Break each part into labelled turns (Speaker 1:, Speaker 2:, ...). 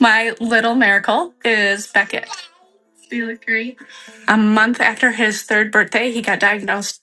Speaker 1: My little miracle is Beckett. You look great. A month after his third birthday, he got diagnosed.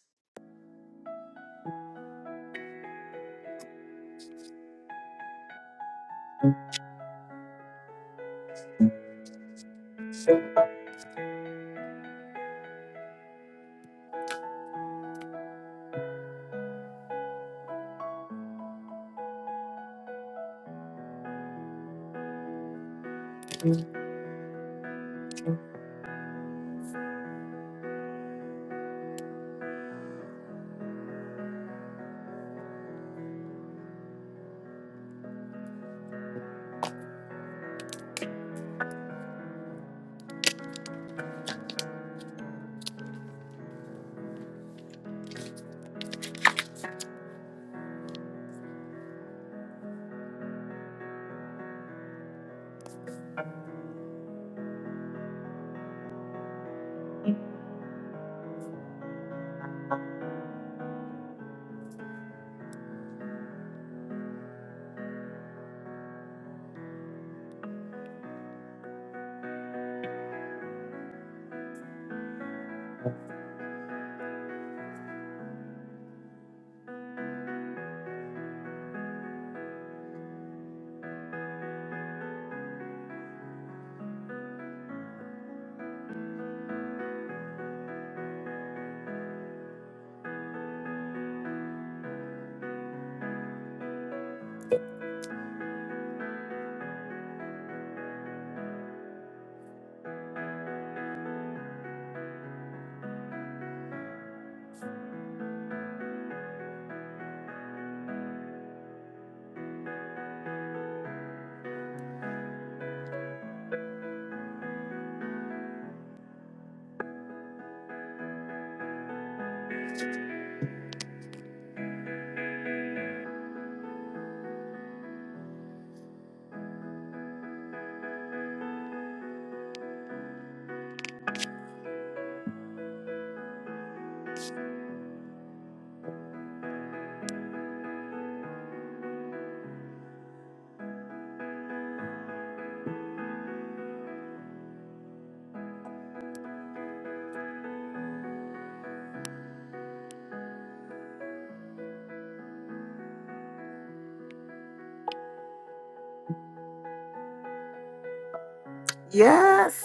Speaker 1: Yes.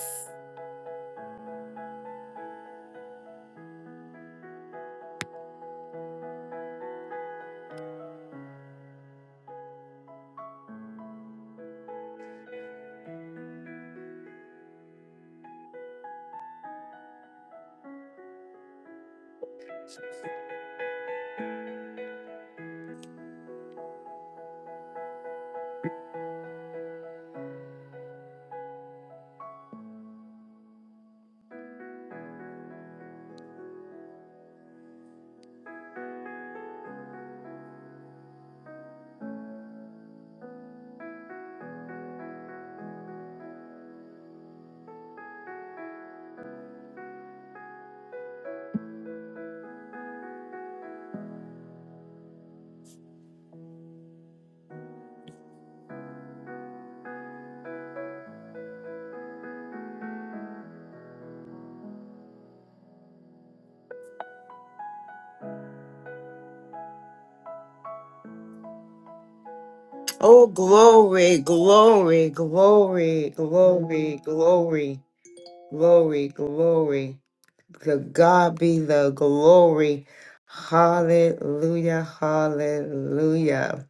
Speaker 1: Oh, glory, glory, glory, glory, glory, glory, glory. To God be the glory. Hallelujah, hallelujah.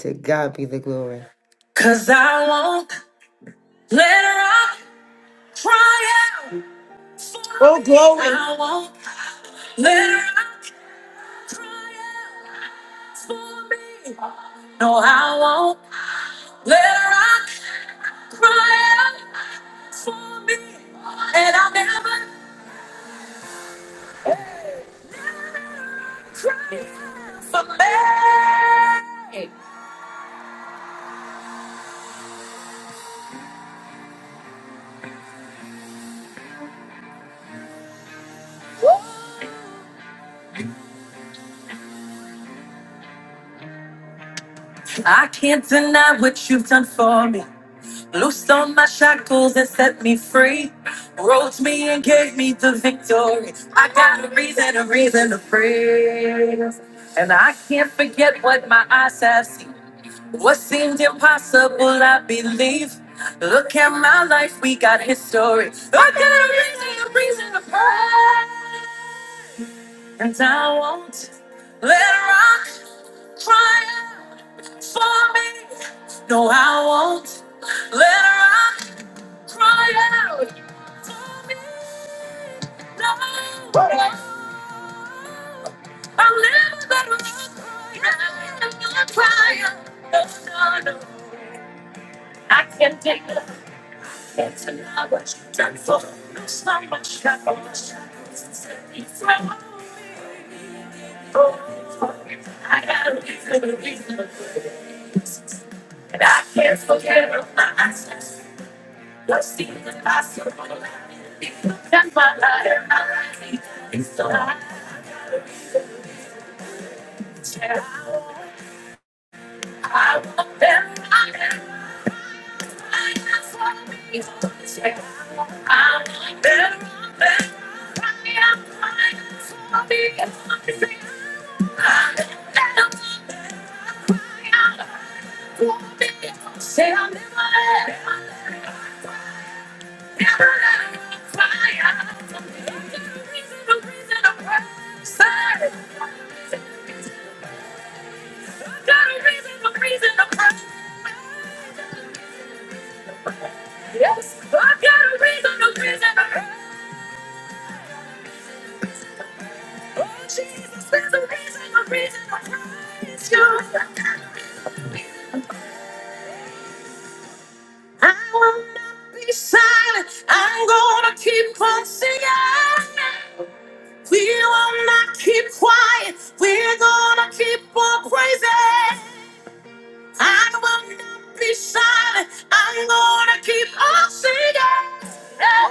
Speaker 1: To God be the glory. Oh, glory.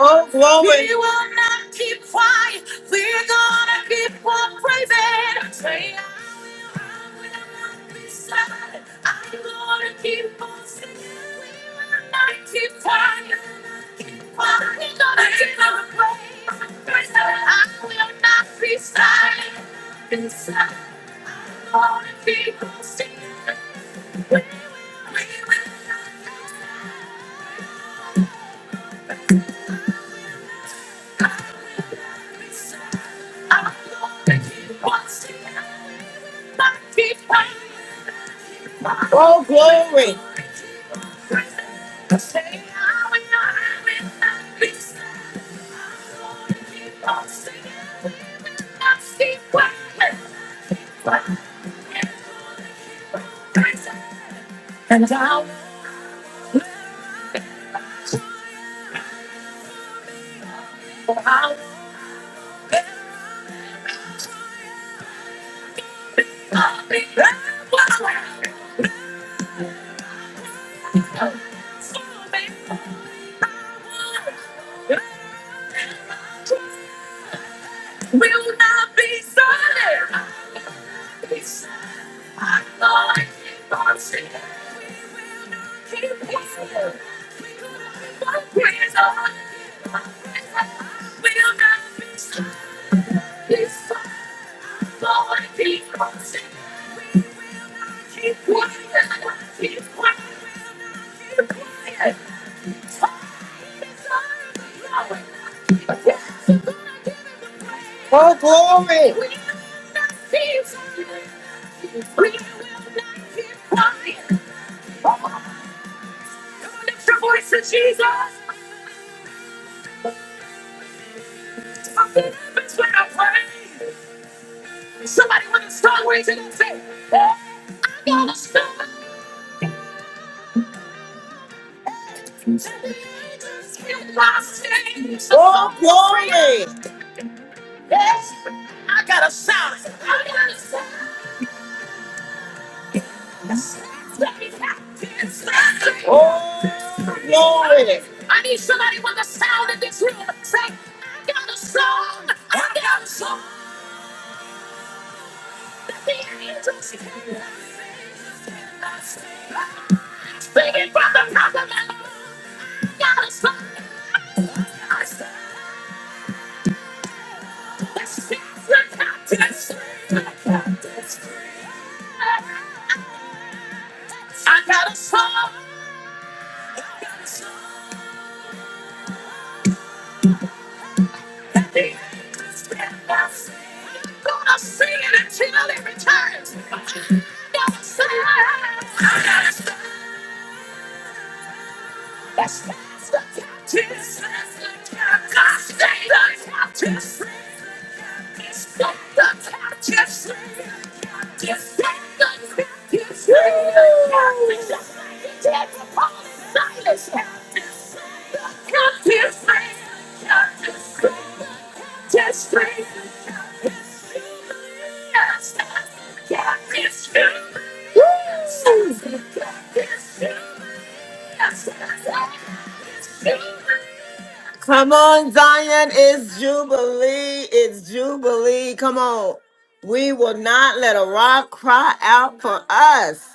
Speaker 1: Oh, glory. Oh, glory. Oh, glory. Glory. Come on, Zion, it's Jubilee. It's Jubilee. Come on. We will not let a rock cry out for us.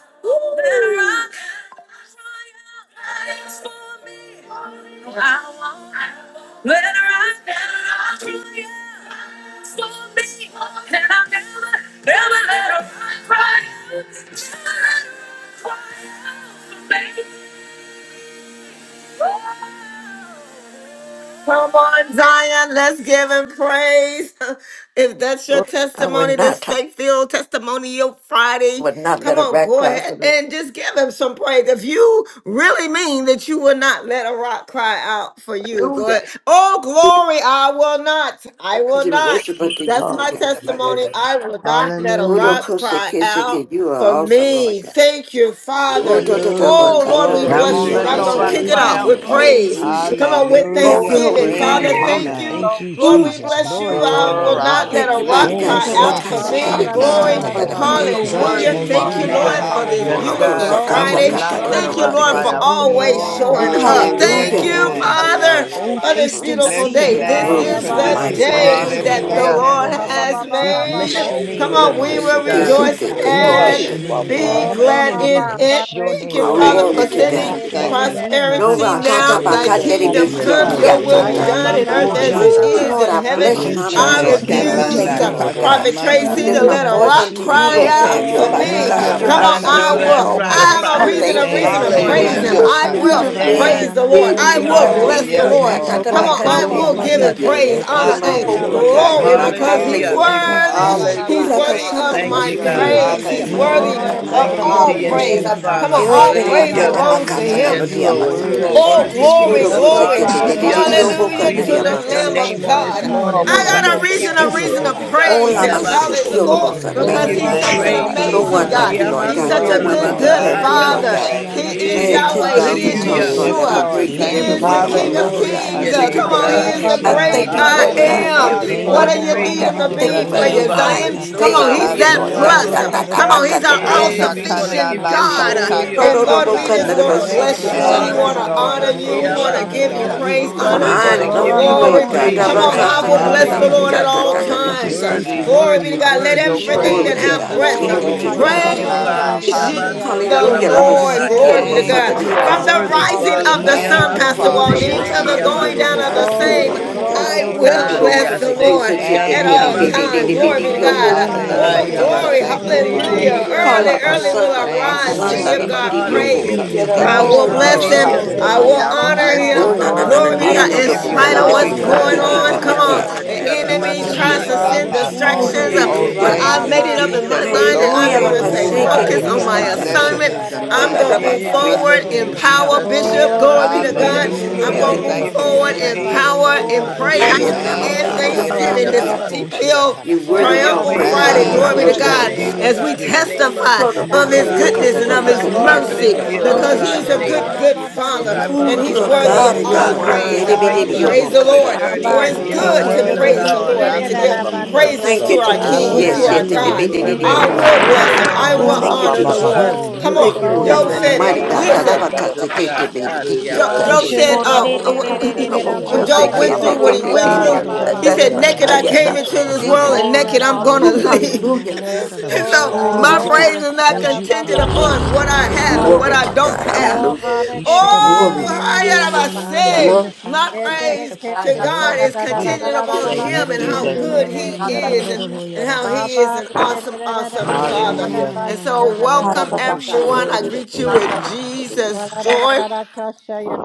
Speaker 1: on, Zion. Let's give him praise. If that's your
Speaker 2: Lord, I
Speaker 1: testimony,
Speaker 2: would
Speaker 1: this
Speaker 2: not t-
Speaker 1: faith filled testimonial Friday,
Speaker 2: would not
Speaker 1: come
Speaker 2: let a
Speaker 1: on,
Speaker 2: rat
Speaker 1: go
Speaker 2: cry
Speaker 1: ahead
Speaker 2: for me.
Speaker 1: and just give him some praise. If you really mean that you will not let a rock cry out for you, go
Speaker 3: Hallelujah.
Speaker 1: ahead. Oh, glory, I will not. I will
Speaker 2: He's in
Speaker 1: not.
Speaker 2: worship unto you,
Speaker 1: That's
Speaker 2: Lord
Speaker 1: my
Speaker 2: God.
Speaker 4: Hallelujah.
Speaker 1: testimony.
Speaker 2: Tabakata.
Speaker 1: I will not let a
Speaker 2: Odo
Speaker 5: Hallelujah.
Speaker 1: rock
Speaker 2: kose
Speaker 1: cry
Speaker 2: kese
Speaker 1: out
Speaker 2: ke. You
Speaker 1: for
Speaker 2: are awesome, Lord
Speaker 1: me.
Speaker 2: God.
Speaker 1: Thank you, Father.
Speaker 2: Odo
Speaker 4: Hallelujah.
Speaker 2: do do
Speaker 5: Hallelujah.
Speaker 1: Oh,
Speaker 4: I
Speaker 1: Lord, we
Speaker 2: do ba
Speaker 6: I
Speaker 5: Glory
Speaker 2: di
Speaker 1: bless
Speaker 6: won't
Speaker 2: di
Speaker 5: to
Speaker 1: you. And
Speaker 4: praise
Speaker 6: let
Speaker 1: I'm
Speaker 2: ama
Speaker 5: your
Speaker 4: your
Speaker 6: no
Speaker 1: going
Speaker 2: sa
Speaker 1: to
Speaker 6: rock
Speaker 2: ta
Speaker 1: kick
Speaker 4: holy
Speaker 5: name.
Speaker 2: ba
Speaker 1: it
Speaker 2: ba
Speaker 6: cry
Speaker 2: ha
Speaker 1: off
Speaker 4: name.
Speaker 6: out
Speaker 2: yo
Speaker 1: with
Speaker 6: for me.
Speaker 1: praise.
Speaker 7: Jesus.
Speaker 4: Hallelujah.
Speaker 1: Come on, with
Speaker 7: Hallelujah.
Speaker 2: Thank
Speaker 4: I
Speaker 5: Hallelujah.
Speaker 2: you,
Speaker 8: Glory,
Speaker 2: Holy
Speaker 1: thanksgiving.
Speaker 4: give
Speaker 2: Father.
Speaker 4: you
Speaker 5: Praise
Speaker 1: Father,
Speaker 5: your
Speaker 8: glory,
Speaker 1: thank
Speaker 4: hallelujah,
Speaker 7: Hallelujah.
Speaker 1: you.
Speaker 7: Thank
Speaker 5: name.
Speaker 7: you,
Speaker 8: glory.
Speaker 1: Lord, we
Speaker 2: Ooh,
Speaker 8: Aya
Speaker 7: Jesus.
Speaker 8: ba
Speaker 1: bless
Speaker 4: Father
Speaker 1: you.
Speaker 8: ba
Speaker 7: Glory to
Speaker 4: God.
Speaker 8: ba
Speaker 7: your
Speaker 1: I
Speaker 8: da
Speaker 5: Glory.
Speaker 1: will
Speaker 8: da
Speaker 7: name,
Speaker 8: da
Speaker 5: I
Speaker 1: not
Speaker 4: I
Speaker 8: da
Speaker 7: God.
Speaker 5: will
Speaker 1: let
Speaker 2: thank
Speaker 8: ba
Speaker 1: a
Speaker 2: you,
Speaker 8: se.
Speaker 2: mighty
Speaker 5: not
Speaker 1: rock
Speaker 7: Lord, we
Speaker 2: God.
Speaker 5: let a
Speaker 1: cry
Speaker 4: praise your
Speaker 1: out
Speaker 5: rock
Speaker 1: for
Speaker 8: Ba
Speaker 2: Tabakasa
Speaker 7: celebrate
Speaker 5: cry
Speaker 4: holy
Speaker 8: ba
Speaker 7: you
Speaker 2: kata
Speaker 1: me.
Speaker 5: out
Speaker 8: da
Speaker 5: for
Speaker 2: di
Speaker 8: da
Speaker 7: this
Speaker 8: da
Speaker 5: me.
Speaker 4: name.
Speaker 2: asa
Speaker 8: da
Speaker 1: Glory.
Speaker 2: ta
Speaker 8: da
Speaker 7: morning,
Speaker 8: da
Speaker 3: Hallelujah.
Speaker 7: God.
Speaker 4: You're
Speaker 7: We
Speaker 8: ke
Speaker 4: so
Speaker 7: exalt your
Speaker 8: ke.
Speaker 4: worthy,
Speaker 1: Hallelujah.
Speaker 9: Harababako.
Speaker 6: Thank
Speaker 7: name.
Speaker 6: you,
Speaker 1: Thank
Speaker 7: We
Speaker 4: Father
Speaker 8: Da
Speaker 1: you,
Speaker 8: da da
Speaker 5: Hallelujah.
Speaker 4: God.
Speaker 6: Jesus.
Speaker 8: da
Speaker 1: Lord,
Speaker 8: da
Speaker 1: for
Speaker 7: magnify
Speaker 8: da
Speaker 1: this
Speaker 8: da.
Speaker 7: your
Speaker 6: Yes,
Speaker 2: Odo
Speaker 7: God.
Speaker 4: Hallelujah.
Speaker 1: beautiful
Speaker 5: Hallelujah.
Speaker 6: God. I
Speaker 4: Something
Speaker 7: We
Speaker 6: will
Speaker 5: Thank
Speaker 4: that
Speaker 8: Glory,
Speaker 1: Friday.
Speaker 5: you,
Speaker 4: most
Speaker 6: not
Speaker 7: worship
Speaker 4: High.
Speaker 5: Jesus.
Speaker 7: you,
Speaker 6: let a
Speaker 1: Thank you,
Speaker 7: Lord,
Speaker 8: glory,
Speaker 6: rock
Speaker 1: Lord,
Speaker 6: cry
Speaker 7: because
Speaker 1: for
Speaker 7: of
Speaker 6: out
Speaker 7: who
Speaker 6: for
Speaker 8: glory.
Speaker 6: me.
Speaker 7: you
Speaker 1: always
Speaker 8: Aya
Speaker 5: Oh
Speaker 7: are
Speaker 8: ba
Speaker 7: and
Speaker 8: ba
Speaker 1: showing
Speaker 2: Ooh,
Speaker 7: what
Speaker 5: God,
Speaker 7: you
Speaker 8: ba
Speaker 5: I
Speaker 1: up.
Speaker 8: ba
Speaker 4: Yeah,
Speaker 8: da
Speaker 4: love,
Speaker 7: represent
Speaker 8: da
Speaker 7: in
Speaker 1: Thank
Speaker 5: bless
Speaker 8: da
Speaker 2: Hallelujah.
Speaker 7: our
Speaker 4: oh,
Speaker 5: your
Speaker 1: you,
Speaker 7: life,
Speaker 8: ke
Speaker 6: Glory
Speaker 4: thank
Speaker 5: name.
Speaker 7: God.
Speaker 6: to
Speaker 8: ke da
Speaker 4: you,
Speaker 8: da
Speaker 1: Father,
Speaker 4: I
Speaker 6: God.
Speaker 4: love,
Speaker 8: da
Speaker 7: Oh,
Speaker 1: for
Speaker 8: ba.
Speaker 4: oh,
Speaker 1: this
Speaker 7: taste
Speaker 2: Mm,
Speaker 7: and
Speaker 1: beautiful
Speaker 5: Bless
Speaker 1: day
Speaker 7: see
Speaker 5: your
Speaker 4: thank
Speaker 1: day.
Speaker 2: You're
Speaker 7: that
Speaker 4: you,
Speaker 7: the
Speaker 1: This
Speaker 7: Lord
Speaker 4: Father
Speaker 5: name,
Speaker 2: worthy,
Speaker 8: Aya
Speaker 7: is
Speaker 5: for
Speaker 1: is
Speaker 2: you're
Speaker 4: God.
Speaker 7: good
Speaker 1: the
Speaker 5: this
Speaker 8: ba,
Speaker 7: and
Speaker 4: I
Speaker 5: is
Speaker 2: mighty,
Speaker 7: his
Speaker 5: the
Speaker 2: Lord
Speaker 5: day
Speaker 8: thank
Speaker 4: praise
Speaker 1: day
Speaker 2: God.
Speaker 7: mercies
Speaker 4: your
Speaker 5: that
Speaker 8: you,
Speaker 5: the
Speaker 1: that
Speaker 4: holy
Speaker 7: endure
Speaker 1: the
Speaker 5: Lord
Speaker 2: Tabasa
Speaker 8: thank
Speaker 6: Hallelujah.
Speaker 2: na
Speaker 7: forever,
Speaker 8: you.
Speaker 5: has
Speaker 1: Lord
Speaker 8: Ha
Speaker 7: God.
Speaker 8: ba
Speaker 1: has
Speaker 8: ba
Speaker 5: made,
Speaker 8: ba
Speaker 5: and
Speaker 7: We
Speaker 8: ba
Speaker 5: I
Speaker 8: ba
Speaker 6: Thank
Speaker 4: You
Speaker 6: you,
Speaker 1: made.
Speaker 7: bless
Speaker 5: will
Speaker 8: ba
Speaker 7: your
Speaker 4: are
Speaker 8: se
Speaker 1: Come
Speaker 7: name,
Speaker 5: rejoice.
Speaker 8: de
Speaker 6: Jesus.
Speaker 1: on,
Speaker 8: de
Speaker 1: we
Speaker 7: God.
Speaker 8: de
Speaker 4: worthy,
Speaker 6: Yes,
Speaker 1: will
Speaker 2: kose
Speaker 8: ke
Speaker 7: From
Speaker 8: da
Speaker 7: the
Speaker 6: God.
Speaker 8: da
Speaker 2: kese
Speaker 4: worthy,
Speaker 1: rejoice
Speaker 2: ke
Speaker 7: rooftop,
Speaker 8: ba.
Speaker 2: te
Speaker 7: we
Speaker 4: worthy.
Speaker 5: Oh,
Speaker 2: te
Speaker 10: Lord,
Speaker 2: te
Speaker 7: bless
Speaker 4: Holy,
Speaker 7: your
Speaker 1: and
Speaker 10: thank
Speaker 7: name,
Speaker 4: Father
Speaker 10: you,
Speaker 7: God.
Speaker 5: hallelujah.
Speaker 1: be
Speaker 7: In
Speaker 10: God.
Speaker 4: God.
Speaker 8: Oh,
Speaker 7: the
Speaker 8: ba
Speaker 5: Thank
Speaker 1: glad
Speaker 4: Thank
Speaker 7: morning,
Speaker 8: ba
Speaker 4: you.
Speaker 5: you.
Speaker 7: we
Speaker 1: in
Speaker 8: ba ba
Speaker 1: it.
Speaker 7: bless your
Speaker 8: re
Speaker 1: Thank
Speaker 7: name,
Speaker 8: ke
Speaker 1: you,
Speaker 7: God.
Speaker 1: Father,
Speaker 8: ke
Speaker 5: Thank you.
Speaker 8: de
Speaker 1: for
Speaker 2: Glory
Speaker 8: de
Speaker 2: to
Speaker 4: Hallelujah.
Speaker 7: In
Speaker 8: de
Speaker 7: the
Speaker 5: Thank
Speaker 1: sending
Speaker 2: God.
Speaker 5: you.
Speaker 4: Thank
Speaker 8: de
Speaker 4: you,
Speaker 8: de
Speaker 4: Father
Speaker 5: Thank
Speaker 7: afternoon
Speaker 8: de
Speaker 5: you.
Speaker 7: and
Speaker 8: de
Speaker 4: God.
Speaker 8: da
Speaker 7: evening,
Speaker 8: da
Speaker 7: we
Speaker 2: No
Speaker 8: da
Speaker 1: prosperity
Speaker 10: Yeah,
Speaker 8: ba.
Speaker 7: bless your
Speaker 1: now.
Speaker 2: rakata
Speaker 7: name,
Speaker 1: Thy
Speaker 10: yeah,
Speaker 7: God.
Speaker 2: bakandere
Speaker 1: kingdom
Speaker 5: Yes,
Speaker 4: Yerobosite,
Speaker 2: besi
Speaker 6: Yes,
Speaker 1: come,
Speaker 5: Lord.
Speaker 6: Lord,
Speaker 1: your
Speaker 2: kia
Speaker 6: in
Speaker 1: will
Speaker 6: the
Speaker 1: be
Speaker 7: Hallelujah.
Speaker 8: Aya
Speaker 2: sata.
Speaker 6: name
Speaker 1: done
Speaker 8: ba
Speaker 6: of
Speaker 4: Yerobosam,
Speaker 1: in
Speaker 4: the
Speaker 7: Thank
Speaker 8: ba
Speaker 1: earth
Speaker 7: you,
Speaker 8: ba
Speaker 1: as
Speaker 8: ba
Speaker 6: Jesus.
Speaker 1: it
Speaker 8: ra
Speaker 11: Orianda
Speaker 2: Ooh,
Speaker 11: da
Speaker 7: Jesus.
Speaker 8: ra
Speaker 4: Bomosata,
Speaker 1: is
Speaker 8: ka
Speaker 2: Lord,
Speaker 1: in
Speaker 2: I
Speaker 8: she
Speaker 1: heaven.
Speaker 7: Thank
Speaker 2: bless
Speaker 11: Bashande.
Speaker 8: ke
Speaker 2: and
Speaker 7: you,
Speaker 6: Yes,
Speaker 8: ke
Speaker 2: honor
Speaker 4: Yerobosite,
Speaker 8: ya
Speaker 2: you,
Speaker 1: I
Speaker 8: ra
Speaker 6: God.
Speaker 7: Jesus.
Speaker 2: Lord
Speaker 5: Eke
Speaker 2: God.
Speaker 8: ra ra
Speaker 2: I
Speaker 7: Glory
Speaker 8: ra
Speaker 7: to
Speaker 11: Hey,
Speaker 8: ra
Speaker 7: your
Speaker 1: refuse,
Speaker 2: thank
Speaker 5: manda
Speaker 8: ra
Speaker 2: you,
Speaker 1: uh,
Speaker 4: Yam
Speaker 8: ba
Speaker 4: the
Speaker 7: name,
Speaker 2: Lord
Speaker 8: she.
Speaker 5: kata
Speaker 2: God.
Speaker 1: Prophet
Speaker 7: God.
Speaker 2: I
Speaker 4: Bomosata,
Speaker 5: manda.
Speaker 1: Tracy,
Speaker 2: lift
Speaker 1: to
Speaker 2: my
Speaker 1: let a
Speaker 2: voice
Speaker 1: rock
Speaker 2: unto
Speaker 1: cry
Speaker 2: you,
Speaker 1: cry
Speaker 4: Yerobosite,
Speaker 2: Lord
Speaker 7: Da-da-da-bo-shi-ya-da-da-ba.
Speaker 2: God.
Speaker 5: Eke
Speaker 1: out
Speaker 2: You're
Speaker 1: for
Speaker 8: O
Speaker 2: my
Speaker 5: manda
Speaker 8: ra
Speaker 11: thank
Speaker 4: Yerobosam,
Speaker 1: me.
Speaker 8: ra
Speaker 4: the
Speaker 8: ra
Speaker 11: you.
Speaker 2: God.
Speaker 8: ra
Speaker 2: You're
Speaker 5: kala
Speaker 1: Come
Speaker 8: ra
Speaker 2: my
Speaker 1: on,
Speaker 6: I
Speaker 8: ka
Speaker 1: I
Speaker 2: Savior.
Speaker 6: know
Speaker 2: You're
Speaker 4: Bomosata,
Speaker 8: she
Speaker 2: my
Speaker 5: shata.
Speaker 1: will.
Speaker 8: de
Speaker 6: that's
Speaker 2: hope.
Speaker 8: ke
Speaker 2: You're
Speaker 6: right,
Speaker 7: Ee-ya-na-na-na-na-na-na-na-na-na.
Speaker 1: I
Speaker 8: de
Speaker 2: my
Speaker 1: have a
Speaker 8: ka ra
Speaker 1: reason,
Speaker 6: prophetess.
Speaker 8: ra
Speaker 1: a
Speaker 8: ra
Speaker 2: salvation.
Speaker 10: yeah,
Speaker 8: ra
Speaker 1: reason
Speaker 7: Oh,
Speaker 8: ra
Speaker 4: Yerobosam,
Speaker 1: to
Speaker 6: Come
Speaker 8: ra
Speaker 4: the
Speaker 5: Eke
Speaker 6: on
Speaker 8: ba
Speaker 10: yeah.
Speaker 1: praise
Speaker 6: here.
Speaker 8: sha.
Speaker 1: him.
Speaker 5: manda
Speaker 11: Hallelujah.
Speaker 1: I
Speaker 2: Ooh,
Speaker 4: Bomosata,
Speaker 2: you're
Speaker 5: kata
Speaker 1: will
Speaker 2: the wind
Speaker 6: Yes,
Speaker 1: praise
Speaker 5: kana.
Speaker 1: the
Speaker 4: Yerobosite,
Speaker 1: Lord.
Speaker 2: beneath
Speaker 1: I
Speaker 6: glory.
Speaker 2: beneath
Speaker 1: will
Speaker 2: my
Speaker 7: da-da-da-da-bo-shi-ya-da-da-ba-ba-ya-na-na-na-na-na-na-na.
Speaker 5: Oh,
Speaker 4: Yerobosam,
Speaker 1: bless
Speaker 2: wings,
Speaker 4: the
Speaker 1: the
Speaker 7: Oh,
Speaker 6: Hallelujah.
Speaker 5: yes,
Speaker 2: Lord
Speaker 1: Lord.
Speaker 2: God.
Speaker 8: Bo
Speaker 5: Lord.
Speaker 2: Tata
Speaker 8: bo bo
Speaker 4: Bomosata,
Speaker 1: Come
Speaker 7: magnify
Speaker 1: on,
Speaker 5: Thank
Speaker 7: the
Speaker 8: bo
Speaker 5: you,
Speaker 6: Thank
Speaker 1: I
Speaker 8: bo
Speaker 6: you,
Speaker 7: Lord
Speaker 2: bakandere
Speaker 1: will
Speaker 8: ko
Speaker 7: with
Speaker 1: give
Speaker 5: Jesus.
Speaker 8: she
Speaker 1: him
Speaker 7: me.
Speaker 4: Yerobosite,
Speaker 6: Jesus.
Speaker 2: amasata.
Speaker 8: de de
Speaker 1: praise,
Speaker 7: Let
Speaker 4: Yerobosam,
Speaker 8: de
Speaker 2: You're
Speaker 1: honor,
Speaker 7: us
Speaker 8: de
Speaker 2: my
Speaker 8: de
Speaker 4: the
Speaker 1: and
Speaker 4: Bomosata,
Speaker 8: ra
Speaker 2: hope,
Speaker 8: ba
Speaker 4: Yerobosite,
Speaker 7: exalt
Speaker 2: Lord
Speaker 5: Hallelujah.
Speaker 8: da
Speaker 2: God.
Speaker 5: I
Speaker 7: his
Speaker 8: da
Speaker 2: You're
Speaker 8: da
Speaker 1: glory
Speaker 5: give
Speaker 7: name
Speaker 2: my
Speaker 5: you
Speaker 4: Yerobosam,
Speaker 8: ko
Speaker 4: the
Speaker 2: high
Speaker 1: because
Speaker 8: she
Speaker 1: he's
Speaker 2: place,
Speaker 8: de
Speaker 5: glory,
Speaker 6: Hallelujah.
Speaker 8: de
Speaker 2: Lord
Speaker 5: give
Speaker 8: ke
Speaker 4: Bomosata,
Speaker 5: you
Speaker 2: God.
Speaker 8: da ra
Speaker 4: Yerobosite,
Speaker 1: worthy.
Speaker 5: honor,
Speaker 8: ra
Speaker 7: forevermore.
Speaker 5: give
Speaker 8: ra
Speaker 5: you
Speaker 2: Ooh,
Speaker 8: ba.
Speaker 1: He's
Speaker 11: Hallelujah.
Speaker 1: worthy
Speaker 5: praise.
Speaker 1: of
Speaker 2: rakasanda, my
Speaker 6: Thank
Speaker 1: my
Speaker 6: you,
Speaker 11: Hallelujah.
Speaker 2: strength,
Speaker 6: God.
Speaker 2: and
Speaker 4: Worobosite,
Speaker 7: Hallelujah.
Speaker 2: my
Speaker 1: praise.
Speaker 2: tata,
Speaker 1: He's
Speaker 2: my
Speaker 8: Ho
Speaker 7: Yeah,
Speaker 1: worthy
Speaker 7: na,
Speaker 5: Hallelujah.
Speaker 8: re
Speaker 2: my
Speaker 7: na, na,
Speaker 8: de
Speaker 1: of
Speaker 7: da,
Speaker 8: de
Speaker 5: Thank
Speaker 7: da,
Speaker 5: you,
Speaker 6: Glory
Speaker 8: de
Speaker 7: da,
Speaker 6: to
Speaker 1: all
Speaker 7: da,
Speaker 8: de
Speaker 6: your
Speaker 7: bo,
Speaker 8: de
Speaker 5: Jesus.
Speaker 8: de
Speaker 7: she,
Speaker 1: praise.
Speaker 6: name,
Speaker 8: ra
Speaker 7: ah,
Speaker 11: Hallelujah.
Speaker 1: Um,
Speaker 7: na,
Speaker 8: ba
Speaker 7: na,
Speaker 1: come
Speaker 7: na,
Speaker 6: Father.
Speaker 1: on,
Speaker 8: sha
Speaker 7: na, na.
Speaker 8: da
Speaker 1: all
Speaker 2: encouragement,
Speaker 8: ra ra
Speaker 2: Lord
Speaker 5: Praise
Speaker 1: praise
Speaker 8: ra
Speaker 2: God.
Speaker 6: Hallelujah.
Speaker 5: your
Speaker 8: ba.
Speaker 7: Lord,
Speaker 2: Tata
Speaker 7: I
Speaker 1: belongs
Speaker 5: holy
Speaker 1: to
Speaker 7: don't have
Speaker 2: bakasaka
Speaker 5: name.
Speaker 1: him.
Speaker 2: no
Speaker 6: Yes,
Speaker 5: You
Speaker 7: enough
Speaker 2: dia
Speaker 5: are
Speaker 6: Lord. You
Speaker 5: worthy,
Speaker 6: are
Speaker 7: words to
Speaker 1: Oh,
Speaker 5: Lord.
Speaker 6: worthy,
Speaker 1: glory,
Speaker 2: Puro
Speaker 8: Bo
Speaker 7: express
Speaker 6: Jesus.
Speaker 11: Thank
Speaker 8: bo
Speaker 11: you,
Speaker 2: cose
Speaker 8: bo
Speaker 1: glory.
Speaker 2: que
Speaker 4: Yerobosam,
Speaker 2: te
Speaker 7: how
Speaker 8: bo
Speaker 4: the
Speaker 2: te
Speaker 8: bo
Speaker 2: te
Speaker 11: Father.
Speaker 2: te
Speaker 6: Hallelujah.
Speaker 8: bo
Speaker 7: awesome
Speaker 2: yo
Speaker 7: and
Speaker 8: she
Speaker 4: Bomosata,
Speaker 7: how
Speaker 8: de
Speaker 1: Hallelujah
Speaker 6: We
Speaker 1: to
Speaker 8: de
Speaker 2: bocandaria
Speaker 1: the
Speaker 8: ke
Speaker 6: bless
Speaker 8: de
Speaker 6: your
Speaker 8: de
Speaker 1: Lamb
Speaker 7: magnificent
Speaker 8: de
Speaker 2: masata.
Speaker 1: of
Speaker 6: name
Speaker 7: you
Speaker 4: Yerobosite,
Speaker 8: ka
Speaker 6: on
Speaker 7: are,
Speaker 8: ra
Speaker 6: this
Speaker 1: God.
Speaker 8: ra
Speaker 7: God.
Speaker 8: ra
Speaker 6: morning,
Speaker 8: ra
Speaker 6: oh
Speaker 8: ra
Speaker 1: I
Speaker 6: God.
Speaker 7: You an
Speaker 1: got
Speaker 8: ka
Speaker 1: a
Speaker 6: We
Speaker 4: Yerobo
Speaker 8: sha
Speaker 1: reason,
Speaker 6: give you
Speaker 1: a
Speaker 8: ya ra
Speaker 7: exquisite
Speaker 1: reason
Speaker 8: ra
Speaker 1: to
Speaker 8: ba.
Speaker 6: glory,
Speaker 4: Shandorobo
Speaker 7: God.
Speaker 6: God.
Speaker 1: praise
Speaker 2: Ola
Speaker 4: Sata
Speaker 7: You
Speaker 1: him.
Speaker 7: are the
Speaker 6: Yabaso.
Speaker 4: Yerobo
Speaker 1: Hallelujah.
Speaker 2: basiki
Speaker 7: true
Speaker 1: Oh,
Speaker 4: Sita
Speaker 7: and
Speaker 6: We
Speaker 2: olobosanda.
Speaker 5: In
Speaker 10: Hallelujah.
Speaker 8: Glory,
Speaker 5: the
Speaker 1: because
Speaker 7: living
Speaker 6: give you
Speaker 1: he's
Speaker 8: glory.
Speaker 4: Yerobo
Speaker 7: God.
Speaker 5: name
Speaker 1: such
Speaker 7: You
Speaker 1: an
Speaker 5: of
Speaker 7: are
Speaker 6: praise,
Speaker 7: a
Speaker 4: Shandorobo
Speaker 6: oh
Speaker 2: No one
Speaker 1: amazing
Speaker 5: Jesus,
Speaker 6: God.
Speaker 7: mighty
Speaker 5: I
Speaker 1: God.
Speaker 2: like you,
Speaker 5: give
Speaker 7: God.
Speaker 2: Lord
Speaker 4: Sata
Speaker 5: you
Speaker 1: He's
Speaker 2: God.
Speaker 6: Yamando
Speaker 1: such
Speaker 2: No
Speaker 1: a
Speaker 5: glory,
Speaker 7: Eh,
Speaker 2: one
Speaker 5: give
Speaker 1: good,
Speaker 2: can
Speaker 7: oh,
Speaker 5: you
Speaker 7: do, do,
Speaker 1: good
Speaker 2: compare
Speaker 7: do,
Speaker 5: honor,
Speaker 2: to
Speaker 7: do,
Speaker 2: you,
Speaker 5: give
Speaker 6: yarabasataya.
Speaker 7: do,
Speaker 5: you
Speaker 2: Lord
Speaker 4: Hallelujah,
Speaker 7: bo,
Speaker 1: father.
Speaker 2: God.
Speaker 7: she,
Speaker 5: praise.
Speaker 7: ah,
Speaker 1: He
Speaker 7: na, na,
Speaker 2: If I
Speaker 7: da,
Speaker 1: is
Speaker 4: hallelujah.
Speaker 7: da,
Speaker 6: Hey,
Speaker 2: had
Speaker 7: da,
Speaker 1: Yahweh.
Speaker 7: ba,
Speaker 1: He
Speaker 7: she,
Speaker 2: 10,000
Speaker 1: is
Speaker 7: ah, da,
Speaker 2: tongues,
Speaker 6: hallelujah.
Speaker 7: da,
Speaker 2: Lord
Speaker 7: ba.
Speaker 4: Glory
Speaker 2: God,
Speaker 5: Yes,
Speaker 2: I
Speaker 4: to
Speaker 1: Yeshua.
Speaker 4: your
Speaker 5: Lord.
Speaker 2: praise you
Speaker 1: He
Speaker 7: Eh,
Speaker 2: with
Speaker 7: oh,
Speaker 5: Thank you,
Speaker 2: every
Speaker 7: do,
Speaker 4: name.
Speaker 1: is
Speaker 7: do,
Speaker 1: the
Speaker 2: one
Speaker 7: do,
Speaker 2: of
Speaker 7: do,
Speaker 5: Jesus.
Speaker 2: them,
Speaker 7: do,
Speaker 1: King
Speaker 7: bo,
Speaker 1: of
Speaker 7: bo,
Speaker 2: Father
Speaker 7: ba,
Speaker 6: Glory
Speaker 4: Hallelujah.
Speaker 11: Hallelujah.
Speaker 2: God.
Speaker 6: to
Speaker 7: ja,
Speaker 5: I
Speaker 7: na,
Speaker 1: Kings.
Speaker 6: your
Speaker 4: Thank
Speaker 7: na,
Speaker 1: Uh,
Speaker 4: you,
Speaker 5: give
Speaker 7: na,
Speaker 5: you
Speaker 2: Jesus,
Speaker 1: come
Speaker 6: name,
Speaker 7: na,
Speaker 4: Father
Speaker 2: thank
Speaker 1: on.
Speaker 7: da,
Speaker 1: He
Speaker 7: da,
Speaker 6: God.
Speaker 5: glory,
Speaker 4: God.
Speaker 7: ba,
Speaker 1: is
Speaker 5: give
Speaker 1: the
Speaker 5: you
Speaker 7: she,
Speaker 2: I
Speaker 7: ah,
Speaker 5: honor,
Speaker 7: da,
Speaker 1: great
Speaker 2: thank
Speaker 7: da,
Speaker 2: you,
Speaker 5: give
Speaker 7: ba.
Speaker 5: you
Speaker 1: I
Speaker 4: Oh,
Speaker 2: Lord
Speaker 11: Thank you,
Speaker 5: praise.
Speaker 2: God,
Speaker 4: Lord,
Speaker 2: for
Speaker 6: Hallelujah.
Speaker 1: am.
Speaker 2: the
Speaker 6: We're
Speaker 11: Father.
Speaker 6: going
Speaker 7: Ding,
Speaker 6: to
Speaker 1: What
Speaker 7: ah,
Speaker 1: do
Speaker 2: morning,
Speaker 7: na,
Speaker 1: you
Speaker 4: I
Speaker 7: na,
Speaker 2: Lord
Speaker 4: thank
Speaker 1: need
Speaker 7: na,
Speaker 6: praise
Speaker 2: God.
Speaker 1: him
Speaker 7: na,
Speaker 6: you
Speaker 2: I
Speaker 1: to
Speaker 7: do,
Speaker 4: you.
Speaker 6: with
Speaker 7: do,
Speaker 5: In
Speaker 6: the
Speaker 2: thank
Speaker 5: the
Speaker 1: be
Speaker 2: you
Speaker 7: bo,
Speaker 2: for
Speaker 1: for
Speaker 2: the
Speaker 6: fruit
Speaker 7: she,
Speaker 6: of
Speaker 1: you,
Speaker 5: name
Speaker 7: ah,
Speaker 6: our
Speaker 7: da,
Speaker 4: Hallelujah.
Speaker 5: of
Speaker 7: da,
Speaker 1: Zion?
Speaker 2: mind
Speaker 7: da,
Speaker 6: lips,
Speaker 7: ba.
Speaker 6: oh
Speaker 1: Come
Speaker 2: stayed
Speaker 1: on.
Speaker 5: Jesus,
Speaker 6: God.
Speaker 1: He's
Speaker 2: on you,
Speaker 1: that
Speaker 2: Lord
Speaker 7: Yo
Speaker 11: Thank
Speaker 4: Shandorobo
Speaker 7: do
Speaker 2: God.
Speaker 11: you,
Speaker 7: do
Speaker 1: plus.
Speaker 5: hallelujah.
Speaker 2: Ta-
Speaker 7: do
Speaker 6: Yamando.
Speaker 1: Uh,
Speaker 7: do
Speaker 2: ta-
Speaker 4: Sata
Speaker 7: do
Speaker 2: ta-
Speaker 1: Come
Speaker 7: bo bo
Speaker 2: ba-
Speaker 1: on.
Speaker 11: Jesus.
Speaker 1: He's
Speaker 7: ya da
Speaker 2: kanda-
Speaker 1: our
Speaker 7: da
Speaker 4: Yerobo
Speaker 1: all
Speaker 2: dea-
Speaker 7: da
Speaker 6: Yeah,
Speaker 7: na
Speaker 5: Asha
Speaker 4: Sita
Speaker 7: na
Speaker 6: we're
Speaker 1: sufficient
Speaker 7: na
Speaker 2: kanda.
Speaker 7: da
Speaker 6: gonna
Speaker 7: da
Speaker 5: kanda
Speaker 6: give
Speaker 7: da
Speaker 1: sufficient
Speaker 5: la
Speaker 6: you
Speaker 7: bo shi
Speaker 1: God.
Speaker 7: ya
Speaker 1: Uh,
Speaker 7: da
Speaker 5: sata
Speaker 7: da
Speaker 6: glory
Speaker 7: ba.
Speaker 4: Yerobo
Speaker 6: on
Speaker 1: And
Speaker 5: kamba
Speaker 1: Lord,
Speaker 6: today,
Speaker 1: we
Speaker 4: Shandorobo
Speaker 6: God.
Speaker 1: just
Speaker 5: lasha.
Speaker 6: We're
Speaker 1: want to
Speaker 6: gonna
Speaker 4: Sata
Speaker 11: Thank
Speaker 6: give
Speaker 11: you,
Speaker 1: bless
Speaker 6: you
Speaker 1: you. We
Speaker 4: Yerobo
Speaker 5: Thank
Speaker 6: honor,
Speaker 11: Father.
Speaker 5: you,
Speaker 1: want to
Speaker 4: Sita
Speaker 5: Lord.
Speaker 1: honor
Speaker 6: Jesus.
Speaker 5: You
Speaker 1: you.
Speaker 5: are
Speaker 1: We
Speaker 6: Yeah,
Speaker 4: Yerobo
Speaker 1: want to
Speaker 5: worthy,
Speaker 1: give
Speaker 11: Thank
Speaker 1: you
Speaker 4: Shandorobo
Speaker 7: Yana-na-na-na-na-na-na-na-na.
Speaker 11: you,
Speaker 6: basoya.
Speaker 5: Lord.
Speaker 7: We
Speaker 1: praise,
Speaker 2: Oh, My
Speaker 7: honor
Speaker 11: Jesus.
Speaker 4: Sata
Speaker 1: honor,
Speaker 6: We're
Speaker 7: you,
Speaker 5: You
Speaker 2: mind
Speaker 6: gonna
Speaker 5: are
Speaker 1: and
Speaker 2: is
Speaker 7: God.
Speaker 2: on
Speaker 6: give
Speaker 2: you,
Speaker 6: you the
Speaker 7: We
Speaker 5: worthy
Speaker 2: Lord
Speaker 1: glory.
Speaker 5: to
Speaker 2: God.
Speaker 5: be
Speaker 7: praise
Speaker 6: praise,
Speaker 1: Come
Speaker 7: you,
Speaker 4: Yellow
Speaker 6: oh
Speaker 2: That's
Speaker 1: on, I
Speaker 7: God.
Speaker 6: God.
Speaker 5: praised.
Speaker 7: We
Speaker 1: will
Speaker 4: Bosita,
Speaker 7: love
Speaker 1: bless
Speaker 4: yellow
Speaker 1: the
Speaker 7: on you,
Speaker 1: Lord
Speaker 5: Hallelujah.
Speaker 1: at
Speaker 6: Hallelujah.
Speaker 7: God.
Speaker 4: Robosa,
Speaker 1: all
Speaker 5: Glory
Speaker 4: yellow
Speaker 7: We
Speaker 5: to
Speaker 1: times.
Speaker 7: just
Speaker 5: your
Speaker 1: Uh,
Speaker 7: thank you,
Speaker 6: Worthy,
Speaker 4: Mosata,
Speaker 5: name.
Speaker 7: God,
Speaker 1: Glory
Speaker 7: for
Speaker 1: be to
Speaker 4: yellow
Speaker 7: your
Speaker 6: worthy,
Speaker 1: God. Let
Speaker 6: worthy,
Speaker 5: Your
Speaker 4: Bosita,
Speaker 7: unconditional
Speaker 1: everything
Speaker 6: worthy,
Speaker 2: glory
Speaker 5: praise
Speaker 1: that
Speaker 7: love,
Speaker 2: to
Speaker 5: shall
Speaker 1: have
Speaker 7: God.
Speaker 2: God.
Speaker 6: Jesus.
Speaker 1: breath
Speaker 6: You
Speaker 4: Yellow
Speaker 1: uh,
Speaker 2: Glory
Speaker 6: are
Speaker 5: continually
Speaker 2: to you,
Speaker 8: Haya
Speaker 5: be
Speaker 4: Bosita,
Speaker 6: worthy,
Speaker 5: in
Speaker 2: Father.
Speaker 4: yellow
Speaker 8: baba
Speaker 6: oh
Speaker 5: my
Speaker 6: God.
Speaker 8: baba
Speaker 5: mouth.
Speaker 6: Hey,
Speaker 4: Robosa,
Speaker 1: praise
Speaker 8: Dede ke
Speaker 1: ye
Speaker 7: Yana-na-na-na-na-na-na-na.
Speaker 2: Mm,
Speaker 4: yellow
Speaker 6: Abandoya
Speaker 8: ayara
Speaker 5: Hallelujah.
Speaker 7: Oh,
Speaker 1: the
Speaker 8: ra
Speaker 2: Hallelujah.
Speaker 4: Mosata,
Speaker 8: ra
Speaker 2: Lama
Speaker 8: ba.
Speaker 4: yellow
Speaker 1: Lord.
Speaker 2: siki
Speaker 6: Rabasataya.
Speaker 8: Thank
Speaker 7: magnify
Speaker 1: Glory
Speaker 2: ola
Speaker 1: be
Speaker 8: you.
Speaker 2: mo
Speaker 1: to
Speaker 7: the
Speaker 4: Bosita,
Speaker 5: Thank
Speaker 2: sana
Speaker 1: God.
Speaker 8: Haya
Speaker 5: you,
Speaker 2: ni
Speaker 7: Lord
Speaker 6: You are
Speaker 1: From
Speaker 7: with
Speaker 8: baba
Speaker 5: Father.
Speaker 8: baba
Speaker 1: the
Speaker 6: worthy,
Speaker 7: me.
Speaker 8: Dede
Speaker 1: rising
Speaker 8: ke
Speaker 6: Father.
Speaker 1: of the
Speaker 11: Hallelujah.
Speaker 8: she
Speaker 6: Yeah,
Speaker 1: sun,
Speaker 5: Thank you,
Speaker 8: amaba.
Speaker 1: Pastor
Speaker 6: masunde
Speaker 4: Yellow
Speaker 5: Father.
Speaker 1: Walden,
Speaker 2: I
Speaker 6: yere.
Speaker 1: to the
Speaker 5: Nobody
Speaker 4: Bosita,
Speaker 6: Yeah,
Speaker 2: honor
Speaker 5: can
Speaker 2: you,
Speaker 1: going
Speaker 4: yellow
Speaker 5: do
Speaker 2: Lord
Speaker 1: down
Speaker 7: Chi-ya-da-da-da-da-bo-shi-ya-na-na-na-na-na.
Speaker 5: us
Speaker 1: of
Speaker 6: Abaso.
Speaker 1: the
Speaker 5: like
Speaker 2: God.
Speaker 4: Robosa,
Speaker 5: you
Speaker 2: Doing
Speaker 1: same,
Speaker 5: can
Speaker 2: you,
Speaker 8: Glory,
Speaker 4: yellow
Speaker 5: do
Speaker 2: Lord
Speaker 5: us.
Speaker 11: Yeah,
Speaker 2: God.
Speaker 1: I
Speaker 11: yeah,
Speaker 4: Mosata,
Speaker 5: Thank
Speaker 8: glory,
Speaker 5: you,
Speaker 11: yes.
Speaker 1: will
Speaker 6: And
Speaker 2: Uno
Speaker 5: Jesus.
Speaker 1: bless the
Speaker 8: glory.
Speaker 2: kuse
Speaker 7: Ya-da-da-da-da-da-bo-shi-ya-da-da-da-ba.
Speaker 1: Lord
Speaker 8: Haya
Speaker 2: kese
Speaker 4: yellow
Speaker 6: Yasete and
Speaker 2: kete
Speaker 1: at
Speaker 7: You
Speaker 8: baba
Speaker 5: Thank you,
Speaker 8: baba.
Speaker 2: kete
Speaker 1: all
Speaker 2: de de de
Speaker 7: wonderful.
Speaker 1: times.
Speaker 5: Jesus.
Speaker 2: de de
Speaker 6: Yabasoya.
Speaker 7: You
Speaker 1: Glory
Speaker 2: de
Speaker 1: be to
Speaker 2: de
Speaker 7: are a
Speaker 2: obo
Speaker 1: God.
Speaker 4: Yelobosite,
Speaker 8: Yaba,
Speaker 2: kanda na
Speaker 4: yelobosando,
Speaker 7: waymaker,
Speaker 11: Thank
Speaker 1: Oh,
Speaker 11: you,
Speaker 4: yellow
Speaker 7: God.
Speaker 5: Hallelujah.
Speaker 8: ekelele
Speaker 11: thank
Speaker 2: masata.
Speaker 1: glory.
Speaker 11: you,
Speaker 8: de
Speaker 5: Thank
Speaker 7: You
Speaker 8: de
Speaker 5: you,
Speaker 11: thank
Speaker 6: Ayabasunde
Speaker 8: de
Speaker 7: are
Speaker 11: you,
Speaker 7: a
Speaker 8: de
Speaker 5: Father.
Speaker 11: thank
Speaker 8: de
Speaker 1: Hallelujah.
Speaker 6: yerehi
Speaker 8: de
Speaker 11: you.
Speaker 7: miracle
Speaker 8: da
Speaker 4: yelobosite.
Speaker 1: Early,
Speaker 2: Hala
Speaker 8: da da
Speaker 7: worker,
Speaker 6: abasu.
Speaker 1: early
Speaker 8: da
Speaker 7: God.
Speaker 8: da
Speaker 1: will
Speaker 8: da
Speaker 2: masana
Speaker 1: I
Speaker 2: na
Speaker 8: da da
Speaker 5: Thank
Speaker 8: da
Speaker 5: you,
Speaker 7: We
Speaker 1: rise
Speaker 8: da
Speaker 1: to
Speaker 7: just
Speaker 8: ba.
Speaker 2: masana
Speaker 5: Lord.
Speaker 1: give
Speaker 6: Glory,
Speaker 2: na
Speaker 7: thank you,
Speaker 1: God
Speaker 2: madidi
Speaker 7: God,
Speaker 4: Yellow yelobosando, yellow yelobosite. yellow
Speaker 7: for
Speaker 2: obo
Speaker 7: being
Speaker 1: praise.
Speaker 4: yelobosando,
Speaker 6: hallelujah,
Speaker 7: the
Speaker 1: I
Speaker 7: healers
Speaker 2: katsukande.
Speaker 5: Thank
Speaker 6: Jesus,
Speaker 1: will
Speaker 5: you,
Speaker 7: of
Speaker 4: lobosata, yelobosite. yellow lobosata, Yellow yelobosando,
Speaker 7: our
Speaker 8: Glory,
Speaker 4: lobosata,
Speaker 1: bless
Speaker 4: yelobosite,
Speaker 5: Lord.
Speaker 1: him.
Speaker 6: hallelujah.
Speaker 8: glory,
Speaker 7: soul.
Speaker 1: I
Speaker 11: Hallelujah.
Speaker 4: yellow
Speaker 5: Hallelujah.
Speaker 1: will
Speaker 5: I
Speaker 8: hayaba
Speaker 5: will
Speaker 4: lobosata,
Speaker 8: ba
Speaker 1: honor
Speaker 5: bless
Speaker 8: ba
Speaker 7: Inshaallah,
Speaker 4: Yellow
Speaker 5: the
Speaker 2: Oh
Speaker 4: Yelobosando,
Speaker 8: ba
Speaker 1: him.
Speaker 2: na
Speaker 8: de
Speaker 2: na
Speaker 8: de
Speaker 5: Lord
Speaker 2: na
Speaker 11: Hallelujah.
Speaker 2: na
Speaker 8: ke
Speaker 1: Glory be to
Speaker 8: de
Speaker 6: We
Speaker 2: neo
Speaker 1: God.
Speaker 8: de
Speaker 6: will
Speaker 2: no
Speaker 1: In
Speaker 6: give
Speaker 8: ka
Speaker 10: I
Speaker 6: you
Speaker 2: dobo
Speaker 10: will
Speaker 8: da
Speaker 11: Rande
Speaker 5: at
Speaker 1: spite
Speaker 11: de
Speaker 1: of
Speaker 8: da
Speaker 2: kore
Speaker 8: da
Speaker 10: bless
Speaker 11: bo
Speaker 2: be
Speaker 6: glory,
Speaker 1: what's
Speaker 8: da
Speaker 5: all
Speaker 10: the
Speaker 8: ba
Speaker 2: ke
Speaker 6: God.
Speaker 1: going
Speaker 2: ke
Speaker 5: times.
Speaker 10: Lord
Speaker 2: ke
Speaker 10: at
Speaker 5: His
Speaker 8: so
Speaker 1: on,
Speaker 2: ke
Speaker 10: all
Speaker 1: come
Speaker 8: da
Speaker 2: ke ke
Speaker 8: da
Speaker 1: on.
Speaker 11: sorianda
Speaker 5: praise
Speaker 8: da
Speaker 5: shall
Speaker 10: times.
Speaker 6: Aliyamando
Speaker 1: The
Speaker 8: de
Speaker 2: akata na
Speaker 8: ke
Speaker 4: yellow
Speaker 8: a
Speaker 1: enemy
Speaker 8: da
Speaker 5: continually
Speaker 10: His
Speaker 2: masata.
Speaker 11: Thank you,
Speaker 8: ba.
Speaker 1: tries
Speaker 5: be
Speaker 1: to
Speaker 5: in
Speaker 6: yarabasataya.
Speaker 5: my
Speaker 10: praise
Speaker 1: send
Speaker 4: yelobosite.
Speaker 11: Father.
Speaker 5: mouth.
Speaker 10: shall
Speaker 2: Oh
Speaker 1: distractions,
Speaker 10: always
Speaker 1: uh,
Speaker 4: Sandra
Speaker 10: be
Speaker 5: Oh,
Speaker 10: in my
Speaker 8: Ra
Speaker 1: but
Speaker 2: hallelujah.
Speaker 6: Hey,
Speaker 10: mouth.
Speaker 8: ba
Speaker 5: taste
Speaker 1: I've
Speaker 6: we
Speaker 5: and
Speaker 1: made
Speaker 6: will
Speaker 8: ba
Speaker 1: it up
Speaker 6: give
Speaker 5: see
Speaker 1: in
Speaker 8: de
Speaker 6: your
Speaker 8: de
Speaker 1: my
Speaker 5: that the
Speaker 8: ke
Speaker 6: name
Speaker 1: mind
Speaker 6: the
Speaker 1: that
Speaker 8: ya la
Speaker 1: I'm
Speaker 5: Lord
Speaker 2: Hallelujah.
Speaker 8: da
Speaker 1: going
Speaker 2: La
Speaker 5: is
Speaker 1: to
Speaker 6: praise,
Speaker 8: da
Speaker 10: Oh, yeah,
Speaker 1: stay
Speaker 8: da
Speaker 7: oh
Speaker 6: oh
Speaker 7: I
Speaker 8: da
Speaker 5: good.
Speaker 8: da da
Speaker 2: basheke de
Speaker 7: got
Speaker 8: da
Speaker 6: God.
Speaker 7: a
Speaker 11: Thank
Speaker 2: dia
Speaker 1: focused
Speaker 8: da
Speaker 6: Hey,
Speaker 1: on
Speaker 11: you.
Speaker 8: da
Speaker 7: reason
Speaker 1: my
Speaker 7: to
Speaker 8: ba
Speaker 10: yeah,
Speaker 12: Thank
Speaker 10: yeah,
Speaker 12: you.
Speaker 7: praise
Speaker 8: se
Speaker 7: you,
Speaker 2: Didiyabasata.
Speaker 5: Blessed
Speaker 8: ke
Speaker 1: assignment.
Speaker 6: Amasoya.
Speaker 8: a
Speaker 5: is
Speaker 7: God.
Speaker 5: the
Speaker 7: Ya
Speaker 8: da da
Speaker 2: Oh,
Speaker 7: da
Speaker 8: da
Speaker 1: I'm
Speaker 7: da
Speaker 2: da
Speaker 8: ba.
Speaker 1: going
Speaker 7: ba
Speaker 5: man
Speaker 2: da
Speaker 1: to
Speaker 7: ba
Speaker 5: that
Speaker 1: move
Speaker 6: Hey,
Speaker 7: ya da
Speaker 6: we
Speaker 7: da
Speaker 2: bahaya.
Speaker 7: do
Speaker 1: forward
Speaker 6: love
Speaker 5: trusted
Speaker 7: do
Speaker 11: Thank
Speaker 6: you,
Speaker 1: in
Speaker 7: bo
Speaker 5: in
Speaker 11: you.
Speaker 7: shi ya
Speaker 1: power,
Speaker 5: him.
Speaker 7: da
Speaker 6: Jesus.
Speaker 7: da ba.
Speaker 6: Hey,
Speaker 1: Bishop.
Speaker 8: So
Speaker 1: Glory
Speaker 8: ra de
Speaker 2: Worthy,
Speaker 1: be to
Speaker 8: ke
Speaker 7: Ya
Speaker 1: God.
Speaker 8: de
Speaker 7: na
Speaker 6: Amasoya.
Speaker 2: worthy,
Speaker 7: na
Speaker 8: de
Speaker 7: na do
Speaker 1: I'm
Speaker 8: ke
Speaker 7: do
Speaker 5: Hallelujah.
Speaker 1: going
Speaker 8: de
Speaker 1: to
Speaker 7: do
Speaker 2: worthy
Speaker 6: We
Speaker 7: do
Speaker 8: de
Speaker 1: move
Speaker 8: de
Speaker 7: ba
Speaker 6: give
Speaker 5: Thank
Speaker 7: ba
Speaker 6: you
Speaker 8: de
Speaker 5: you,
Speaker 7: ya
Speaker 1: forward
Speaker 8: de
Speaker 7: da
Speaker 8: da
Speaker 7: da
Speaker 1: in
Speaker 7: da
Speaker 5: Jesus.
Speaker 8: ba
Speaker 7: ba ba
Speaker 6: praise,
Speaker 7: ya
Speaker 1: power,
Speaker 7: da
Speaker 6: oh
Speaker 7: da
Speaker 1: in
Speaker 8: so
Speaker 7: da
Speaker 6: God.
Speaker 7: bo
Speaker 8: ra
Speaker 7: shi
Speaker 8: ma
Speaker 2: is
Speaker 7: ya
Speaker 6: Hey,
Speaker 2: the
Speaker 1: praise,
Speaker 7: na
Speaker 8: ba.
Speaker 7: na
Speaker 2: Lamb
Speaker 7: na
Speaker 2: of
Speaker 7: na
Speaker 5: Thank
Speaker 1: and
Speaker 7: na
Speaker 6: Abandonde,
Speaker 2: God.
Speaker 11: Thank
Speaker 5: you,
Speaker 7: na
Speaker 11: you,
Speaker 7: do do
Speaker 5: thank you,
Speaker 6: Hey,
Speaker 7: bo
Speaker 1: thanksgiving.
Speaker 2: Adabakanda
Speaker 7: ya
Speaker 11: Father.
Speaker 1: This
Speaker 7: da
Speaker 5: thank
Speaker 7: da bo
Speaker 5: you.
Speaker 2: Diyasata.
Speaker 7: shi ya
Speaker 6: Ababasoya.
Speaker 7: da
Speaker 1: field.
Speaker 7: da ba.
Speaker 2: You worthy
Speaker 6: Have
Speaker 2: of
Speaker 8: O
Speaker 6: your
Speaker 8: ra
Speaker 2: all
Speaker 1: Triumphal
Speaker 8: ra
Speaker 6: way
Speaker 8: ma
Speaker 6: in
Speaker 2: praise,
Speaker 7: Oh,
Speaker 6: the
Speaker 8: ra
Speaker 1: Friday,
Speaker 2: honor,
Speaker 7: we
Speaker 8: ra
Speaker 2: and
Speaker 5: Thank
Speaker 8: ra
Speaker 6: room
Speaker 1: glory be
Speaker 6: on
Speaker 5: you,
Speaker 1: to
Speaker 7: exalt
Speaker 8: ka
Speaker 2: glory,
Speaker 7: your
Speaker 5: thank
Speaker 1: God,
Speaker 7: name.
Speaker 8: she
Speaker 2: Lord
Speaker 6: today,
Speaker 5: you.
Speaker 7: We
Speaker 2: God.
Speaker 6: oh
Speaker 1: as
Speaker 7: love
Speaker 8: de
Speaker 1: we
Speaker 6: God,
Speaker 7: you,
Speaker 6: in
Speaker 8: de
Speaker 6: the
Speaker 7: God.
Speaker 8: de
Speaker 6: name
Speaker 8: de
Speaker 6: of
Speaker 2: Oh,
Speaker 1: testify
Speaker 8: de
Speaker 2: da
Speaker 8: da
Speaker 6: Jesus,
Speaker 1: of
Speaker 7: Yo
Speaker 6: oh
Speaker 8: da.
Speaker 7: no
Speaker 1: his
Speaker 10: yeah,
Speaker 7: no
Speaker 6: God.
Speaker 2: Dodobokanta
Speaker 7: no no
Speaker 1: goodness
Speaker 7: na
Speaker 1: and
Speaker 7: na
Speaker 5: Ooh,
Speaker 1: of
Speaker 7: na
Speaker 6: Touch
Speaker 5: you
Speaker 1: his
Speaker 7: na
Speaker 5: are
Speaker 2: Kadadabakata
Speaker 7: na na da ba
Speaker 8: Glory,
Speaker 1: mercy,
Speaker 6: Prophetess
Speaker 11: Hallelujah.
Speaker 7: ya
Speaker 5: worthy,
Speaker 7: da
Speaker 6: Sheila,
Speaker 7: da
Speaker 6: oh
Speaker 2: Dadadiyabakata
Speaker 1: because
Speaker 7: bo
Speaker 5: Lord.
Speaker 6: God,
Speaker 5: You
Speaker 8: glory.
Speaker 7: shi
Speaker 1: he's
Speaker 6: in the
Speaker 7: ya
Speaker 1: a
Speaker 5: are
Speaker 7: da da ba.
Speaker 8: Haba
Speaker 6: name
Speaker 1: good,
Speaker 6: of
Speaker 2: Diyabasata.
Speaker 8: ba
Speaker 1: good
Speaker 8: ba
Speaker 5: worthy.
Speaker 6: Jesus,
Speaker 8: ba de
Speaker 6: oh
Speaker 1: father
Speaker 8: de
Speaker 6: God.
Speaker 7: Your
Speaker 8: ke
Speaker 1: and
Speaker 2: Oh,
Speaker 6: Father,
Speaker 1: he's
Speaker 2: you
Speaker 8: she
Speaker 2: are
Speaker 10: yeah.
Speaker 6: bless
Speaker 8: de
Speaker 6: her,
Speaker 1: worthy
Speaker 11: A
Speaker 2: God
Speaker 1: of
Speaker 8: de
Speaker 7: name
Speaker 6: oh
Speaker 2: and
Speaker 5: You
Speaker 8: de
Speaker 1: all
Speaker 5: are
Speaker 2: God
Speaker 11: good,
Speaker 6: God.
Speaker 8: de de
Speaker 11: good
Speaker 2: alone.
Speaker 8: da
Speaker 1: praise.
Speaker 5: worthy.
Speaker 8: ba.
Speaker 6: Strengthen
Speaker 11: Father.
Speaker 6: her
Speaker 1: Praise the
Speaker 6: for
Speaker 2: Dedibididiyomokata
Speaker 6: the
Speaker 1: Lord,
Speaker 6: journey
Speaker 1: for
Speaker 8: Aba
Speaker 6: and
Speaker 1: it's
Speaker 2: Dabasata.
Speaker 6: the
Speaker 5: You
Speaker 4: Thank
Speaker 5: are
Speaker 1: good
Speaker 8: eke
Speaker 1: to
Speaker 8: de
Speaker 6: assignment, oh
Speaker 8: de
Speaker 5: worthy,
Speaker 1: praise
Speaker 8: de
Speaker 6: God,
Speaker 1: the
Speaker 8: de
Speaker 6: in
Speaker 5: Lord.
Speaker 6: the
Speaker 8: de
Speaker 1: Lord and
Speaker 5: I
Speaker 8: de
Speaker 1: to
Speaker 6: name
Speaker 8: da
Speaker 6: of
Speaker 1: give
Speaker 8: da
Speaker 5: bless you.
Speaker 8: bando
Speaker 6: Jesus.
Speaker 1: praises
Speaker 2: Thank
Speaker 11: Good,
Speaker 1: to
Speaker 2: you,
Speaker 8: robo
Speaker 1: our
Speaker 11: good
Speaker 5: I
Speaker 2: Jesus.
Speaker 1: King and to
Speaker 7: is
Speaker 6: Only
Speaker 2: Yes,
Speaker 5: bless
Speaker 8: koraba
Speaker 11: Father.
Speaker 6: I
Speaker 5: you,
Speaker 1: our
Speaker 2: yes.
Speaker 7: good.
Speaker 8: eke
Speaker 6: so
Speaker 5: Lord.
Speaker 7: You
Speaker 1: God.
Speaker 8: she
Speaker 7: are
Speaker 6: remember
Speaker 1: I
Speaker 8: de de
Speaker 1: will
Speaker 7: good.
Speaker 6: everybody
Speaker 2: Dedibididiyomokata.
Speaker 6: in
Speaker 8: de
Speaker 6: the
Speaker 1: bless
Speaker 8: de.
Speaker 1: him.
Speaker 6: room
Speaker 1: I
Speaker 6: on
Speaker 7: My
Speaker 11: Orianda
Speaker 1: will
Speaker 11: na
Speaker 6: this
Speaker 2: Thank you,
Speaker 7: Lord
Speaker 1: honor
Speaker 6: morning,
Speaker 1: the
Speaker 7: is
Speaker 6: oh
Speaker 2: Jesus.
Speaker 11: masanda.
Speaker 6: God.
Speaker 1: Lord.
Speaker 7: good.
Speaker 8: Glory,
Speaker 1: Come
Speaker 7: You
Speaker 1: on.
Speaker 2: Thank
Speaker 7: are
Speaker 2: you,
Speaker 11: Blessed be
Speaker 2: Holy
Speaker 6: In
Speaker 1: Job
Speaker 8: glory.
Speaker 6: the
Speaker 7: good.
Speaker 2: Father,
Speaker 11: God
Speaker 1: said,
Speaker 2: mighty
Speaker 11: today.
Speaker 6: name
Speaker 2: God.
Speaker 6: of
Speaker 8: Hayaba.
Speaker 1: Listen,
Speaker 2: Dadabakase
Speaker 6: Jesus, God.
Speaker 2: kete bene
Speaker 11: Blessed
Speaker 6: Ali
Speaker 11: be
Speaker 2: kikio
Speaker 1: Job,
Speaker 4: you.
Speaker 11: God
Speaker 1: Job
Speaker 2: kando.
Speaker 8: Eke
Speaker 11: today.
Speaker 6: abasoya.
Speaker 1: said,
Speaker 8: le de
Speaker 1: uh,
Speaker 8: de de de
Speaker 1: wh- wh-
Speaker 8: de de de da
Speaker 1: he-
Speaker 7: Lord,
Speaker 1: when
Speaker 7: you are
Speaker 2: Lobokose
Speaker 8: bando
Speaker 1: Job
Speaker 8: da
Speaker 1: went
Speaker 7: good.
Speaker 1: through
Speaker 2: kete
Speaker 11: Blessed
Speaker 1: what he
Speaker 11: be
Speaker 8: koraba
Speaker 2: kete
Speaker 1: went
Speaker 8: ba
Speaker 11: God
Speaker 8: ba
Speaker 1: through,
Speaker 2: kete
Speaker 6: Only
Speaker 8: ba
Speaker 11: today.
Speaker 8: ba.
Speaker 1: he said,
Speaker 6: andoya
Speaker 8: She
Speaker 1: naked
Speaker 8: de
Speaker 1: I
Speaker 7: Lord,
Speaker 2: dadabahaya
Speaker 8: de
Speaker 1: came
Speaker 2: da.
Speaker 7: you
Speaker 8: de
Speaker 1: into
Speaker 6: rabasataya.
Speaker 7: are
Speaker 8: de
Speaker 1: this
Speaker 8: de de
Speaker 1: world
Speaker 7: good.
Speaker 2: Siki.
Speaker 8: de
Speaker 1: and
Speaker 8: da da
Speaker 9: Glory,
Speaker 1: naked
Speaker 8: da
Speaker 1: I'm
Speaker 8: ba.
Speaker 1: going to
Speaker 2: Ooh,
Speaker 9: hallelujah,
Speaker 1: leave.
Speaker 2: hallelujah.
Speaker 9: Jesus.
Speaker 11: Blessed
Speaker 1: and
Speaker 11: be
Speaker 1: so
Speaker 8: Glory,
Speaker 9: Oh,
Speaker 2: Glory
Speaker 1: my
Speaker 11: God
Speaker 2: to
Speaker 9: Rabba,
Speaker 11: today.
Speaker 2: God.
Speaker 1: praise
Speaker 8: glory.
Speaker 1: is not
Speaker 7: Lord, you
Speaker 8: Hayaba
Speaker 1: contingent
Speaker 7: are
Speaker 8: ba ba.
Speaker 1: upon
Speaker 7: good.
Speaker 1: what I have and what
Speaker 2: Glory
Speaker 1: I
Speaker 2: to God.
Speaker 9: Rabba,
Speaker 1: don't have.
Speaker 2: Hallelujah.
Speaker 8: Ora de de de de de
Speaker 7: Ishadadadiyana,
Speaker 8: de
Speaker 2: Glory.
Speaker 8: de de de da
Speaker 1: Oh,
Speaker 8: da
Speaker 1: I
Speaker 8: ba.
Speaker 11: Yanda na
Speaker 1: say
Speaker 2: Glory.
Speaker 11: mas-
Speaker 1: my
Speaker 7: Magnify,
Speaker 1: praise
Speaker 7: magnify
Speaker 1: to
Speaker 7: the
Speaker 1: God
Speaker 7: Lord
Speaker 1: is
Speaker 7: with me.
Speaker 1: contingent upon
Speaker 6: Thank you,
Speaker 1: him and how
Speaker 6: Jesus.
Speaker 7: Yadadadadiyana,
Speaker 1: good he is and, and how he is an awesome, awesome father.
Speaker 6: Hallelujah.
Speaker 1: And so welcome everyone.
Speaker 8: Mama
Speaker 1: I greet you with Jesus joy.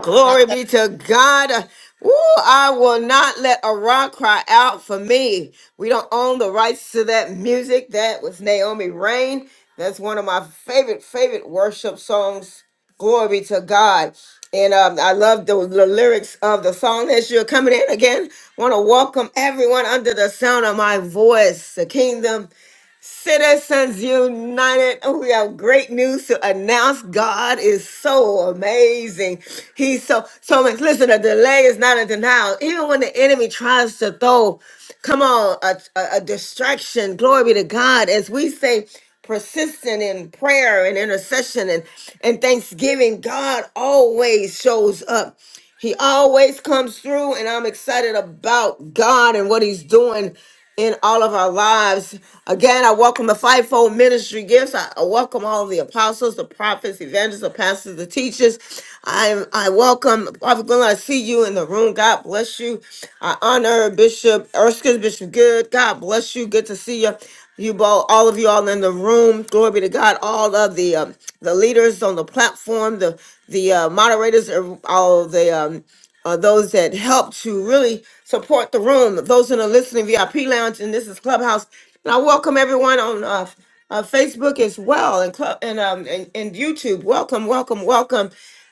Speaker 1: Glory be to God. Woo, I will not let a rock cry out for me. We don't own the rights to that music. That was Naomi Rain. That's one of my favorite, favorite worship songs. Glory be to God. And um, I love the, the lyrics of the song as you're coming in again. Want to welcome everyone under the sound of my voice. The kingdom Citizens United, we have great news to announce. God is so amazing. He's so so much. Listen, a delay is not a denial. Even when the enemy tries to throw, come on, a, a, a distraction. Glory be to God. As we say, persistent in prayer and intercession and, and thanksgiving, God always shows up. He always comes through, and I'm excited about God and what He's doing in all of our lives. Again, I welcome the fivefold ministry gifts. I, I welcome all the apostles, the prophets, evangelists, the pastors, the teachers. I I welcome Prophet Glenn. I see you in the room. God bless you. I honor Bishop Erskine, Bishop Good. God bless you. Good to see you you all, all of you all in the room. Glory be to God. All of the um, the leaders on the platform, the the uh, moderators, er, all the um, uh, those that help to really support the room. Those in the listening VIP lounge, and this is Clubhouse. And I welcome everyone on uh, uh, Facebook as well, and club and um and, and YouTube. Welcome, welcome, welcome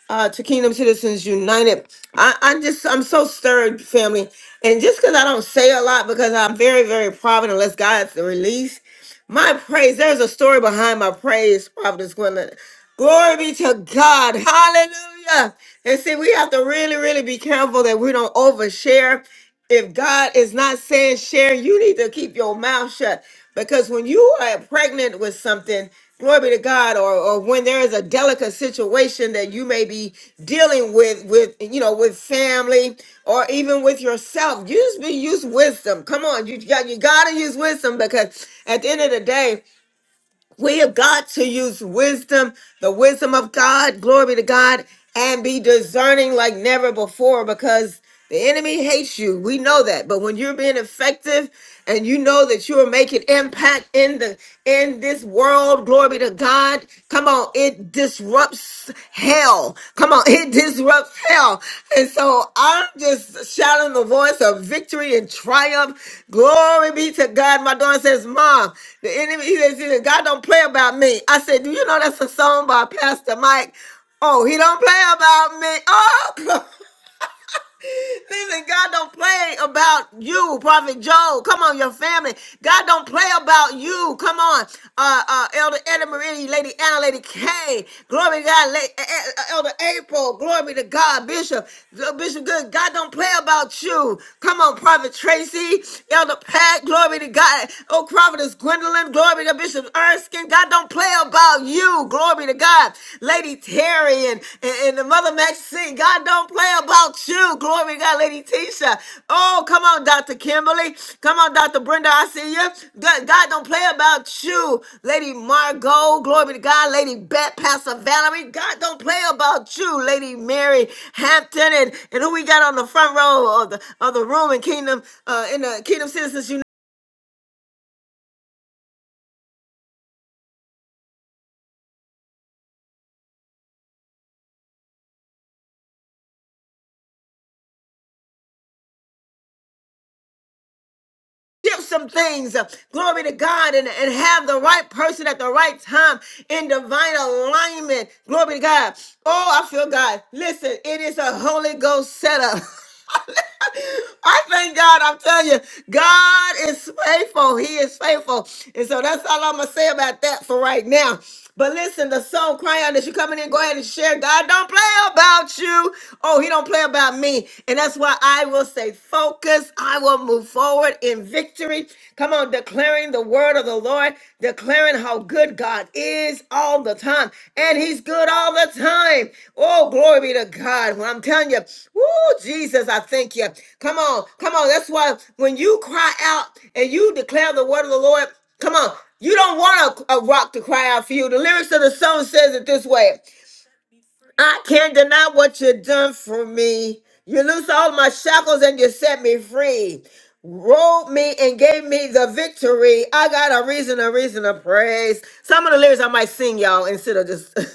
Speaker 1: uh, to Kingdom Citizens United. I, I just, I'm so stirred, family. And just because I don't say a lot, because I'm very, very private, unless God's the release, my praise, there's a story behind my praise, Providence Gwendolyn. Glory be to God. Hallelujah. And see, we have to really, really be careful that we don't overshare if God is not saying share, you need to keep your mouth shut. Because when you are pregnant with something, glory be to God, or, or when there is a delicate situation that you may be dealing with, with you know, with family or even with yourself, use be use wisdom. Come on, you got you gotta use wisdom because at the end of the day, we have got to use wisdom, the wisdom of God, glory to God, and be discerning like never before because the enemy hates you. We know that. But when you're being effective and you know that you are making impact in the in this world, glory to God. Come on, it disrupts disrupts hell. Come on, it disrupts hell. And so I'm just shouting the voice of victory and triumph. Glory be to God. My daughter says, Mom, the enemy, he says, he says, God don't play about me. I said, Do you know that's a song by Pastor Mike? Oh, he don't play about me. Oh, Listen, God don't play about you, Prophet Joe. Come on, your family. God don't play about you. Come on, uh, uh, Elder Edna Marie, Lady Anna, Lady Kay. Glory to God, La- uh, uh, uh, Elder April. Glory to God, Bishop. Uh, Bishop Good. God don't play about you. Come on, Prophet Tracy, Elder Pat. Glory to God. Oh, Prophetess Gwendolyn. Glory to Bishop Erskine. God don't play about you. Glory Glory to God. Lady Terry and, and, and the Mother Maxine. God don't play about you. Glory to God, Lady Tisha. Oh, come on, Dr. Kimberly. Come on, Dr. Brenda. I see you. God, God don't play about you. Lady Margot. Glory to God. Lady Bet, Pastor Valerie. God don't play about you. Lady Mary Hampton. And, and who we got on the front row of the, of the room in Kingdom, uh, in the Kingdom Citizens United. shift some things, uh, glory to God, and, and have the right person at the right time in divine alignment. Glory to God. Oh, I feel God. Listen, it is a Holy Ghost setup. I thank God. I'm telling you, God is faithful. He is faithful. And so that's all I'm going to say about that for right now. But listen, the song cry out that you're coming in, go ahead and share. God don't play about you. Oh, he don't play about me me. And that's why I will stay focused. I will move forward in victory. Come on, declaring the word of the Lord, declaring how good God is all the time. And he's good all the time. Oh, glory be to God. When I'm telling you, woo, Jesus, I thank you. Come on, come on. That's why when you cry out and you declare the word of the Lord, Come on. You don't want a, a rock to cry out for you. The lyrics of the song says it this way. I can't deny what you've done for me. You loose all my shackles and you set me free. Rolled me and gave me the victory. I got a reason, a reason to praise. Some of the lyrics I might sing, y'all, instead of just.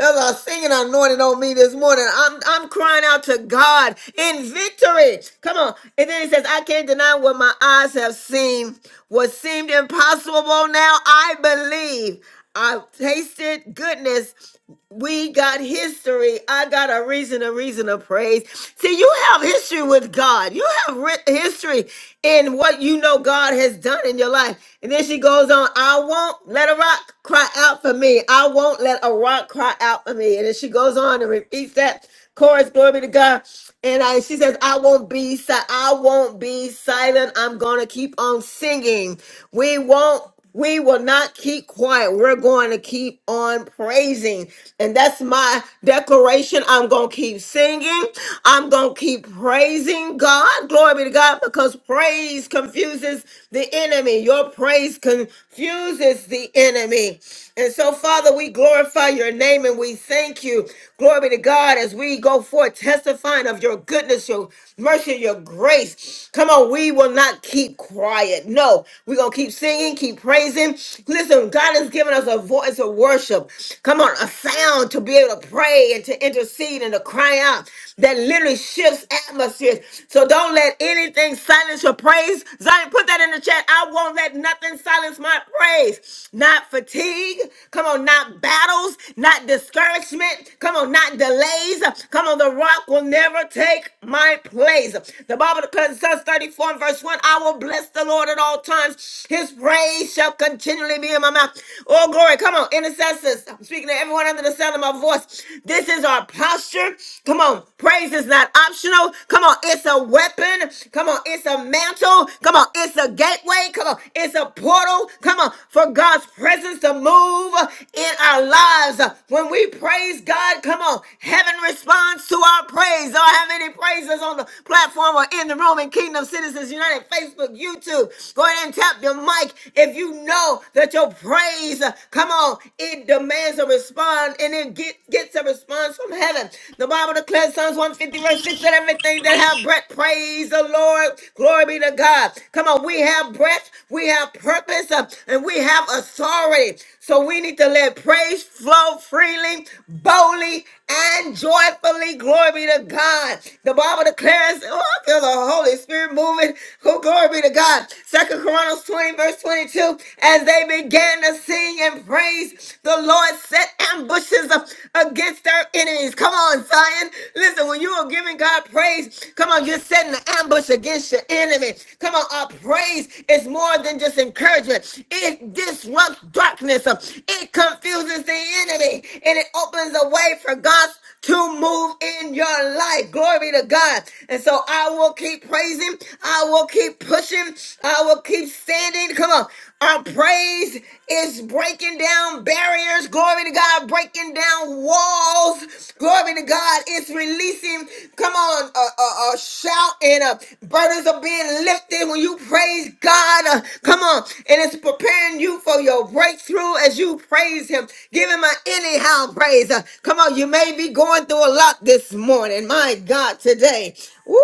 Speaker 1: As I singing anointed on me this morning, I'm I'm crying out to God in victory. Come on. And then he says, I can't deny what my eyes have seen. What seemed impossible now, I believe. I've tasted goodness we got history. I got a reason, a reason of praise. See, you have history with God. You have ri- history in what you know God has done in your life. And then she goes on, I won't let a rock cry out for me. I won't let a rock cry out for me. And then she goes on and repeats that chorus, glory be to God. And I, she says, I won't be si- I won't be silent. I'm gonna keep on singing. We won't we will not keep quiet. We're going to keep on praising. And that's my declaration. I'm going to keep singing. I'm going to keep praising God. Glory be to God because praise confuses the enemy. Your praise confuses the enemy. And so, Father, we glorify your name and we thank you. Glory be to God as we go forth testifying of your goodness, your mercy, your grace. Come on, we will not keep quiet. No, go. We're going to keep singing, keep praising. Listen, God has given us a voice of worship. Come on, a sound to be able to pray and to intercede and to cry out that literally shifts atmospheres. So don't let anything silence your praise. Zion, put that in the chat. I won't let nothing silence my praise. Not fatigue. Come on, not battles, not discouragement. Come on, not delays. Come on, the rock will never take my place. The Bible declares, Psalms 34 and verse 1, I will bless the Lord at all times. His praise shall continually be in my mouth. Oh, glory. Come on, intercessors. I'm speaking to everyone under the sound of my voice. This is our posture. Come on. Praise is not optional. Come on. It's a weapon. Come on. It's a mantle. Come on. It's a gateway. Come on. It's a portal. Come on. For God's presence to move in our lives. When we praise God, come on. Heaven responds to our praise. Do I have any praises on the platform or in the room? Kingdom Citizens United, Facebook, YouTube. Go ahead and tap your mic if you know that your praise, uh, come on, it demands a response and it get, gets a response from heaven. The Bible declares Psalms 150, verse 6 that everything that have breath, praise the Lord. Glory be to God. Come on, we have breath, we have purpose, uh, and we have authority. So we need to let praise flow freely, boldly, and joyfully. Glory be to God. The Bible declares. Yes. Oh, I feel the Holy Spirit moving. Oh, glory be to God. Second Chronicles 20, verse 22. As they began to sing and praise, the Lord set ambushes up against their enemies. Come on, Zion. Listen, when you are giving God praise, come on, you're setting an ambush against your enemy. Come on, our praise is more than just encouragement. It disrupts darkness. It confuses the enemy and it opens a way for God's to move in your life. Glory to God. And so I will keep praising. I will keep pushing. I will keep standing. Come on. Our praise is breaking down barriers. Glory to God. Breaking down walls. Glory to God. It's releasing. Come on. A, a, a shout and uh, burdens are being lifted when you praise God. Uh, come on. And it's preparing you for your breakthrough as you praise Him. Give Him an anyhow praise. Uh, Come on, you may be going through a lot this morning. My God, today. Woo!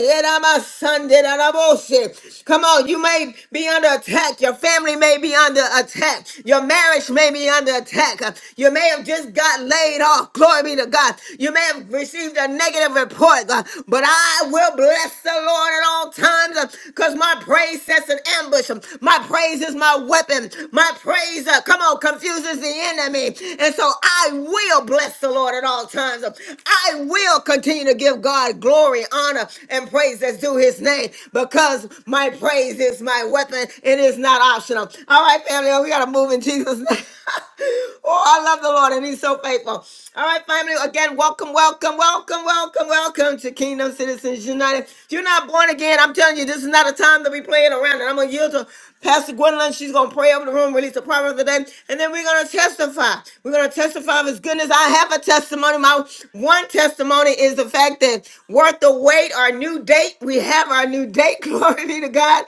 Speaker 1: yedamasanderaraboshe. Come on, you may be under attack. Your family may be under attack. Your marriage may be under attack. Uh, You may have just got laid off. Glory be to God. You may have received a negative report, uh, but I will bless the Lord at all times because my praise sets an ambush. Um, My praise is my weapon. My praise, uh, come on, confuses the enemy. And so I will bless the Lord at all times. I will continue to give God glory, honor, and praise that's due his name because my praise is my weapon. It is not optional. All right, family, we got to move in Jesus' name. oh, I love the Lord and he's so faithful. All right, family, again, welcome, welcome, welcome, welcome, welcome to Kingdom Citizens United. If you're not born again, I'm telling you, this is not a time to be playing around. And I'm going to yield to Pastor Gwendolyn, she's going to pray over the room, release the promise of the day, and then we're going to testify. We're going to testify of his goodness. I have a testimony. My one testimony is the fact that worth the wait, our new date, we have our new date. Glory be to God.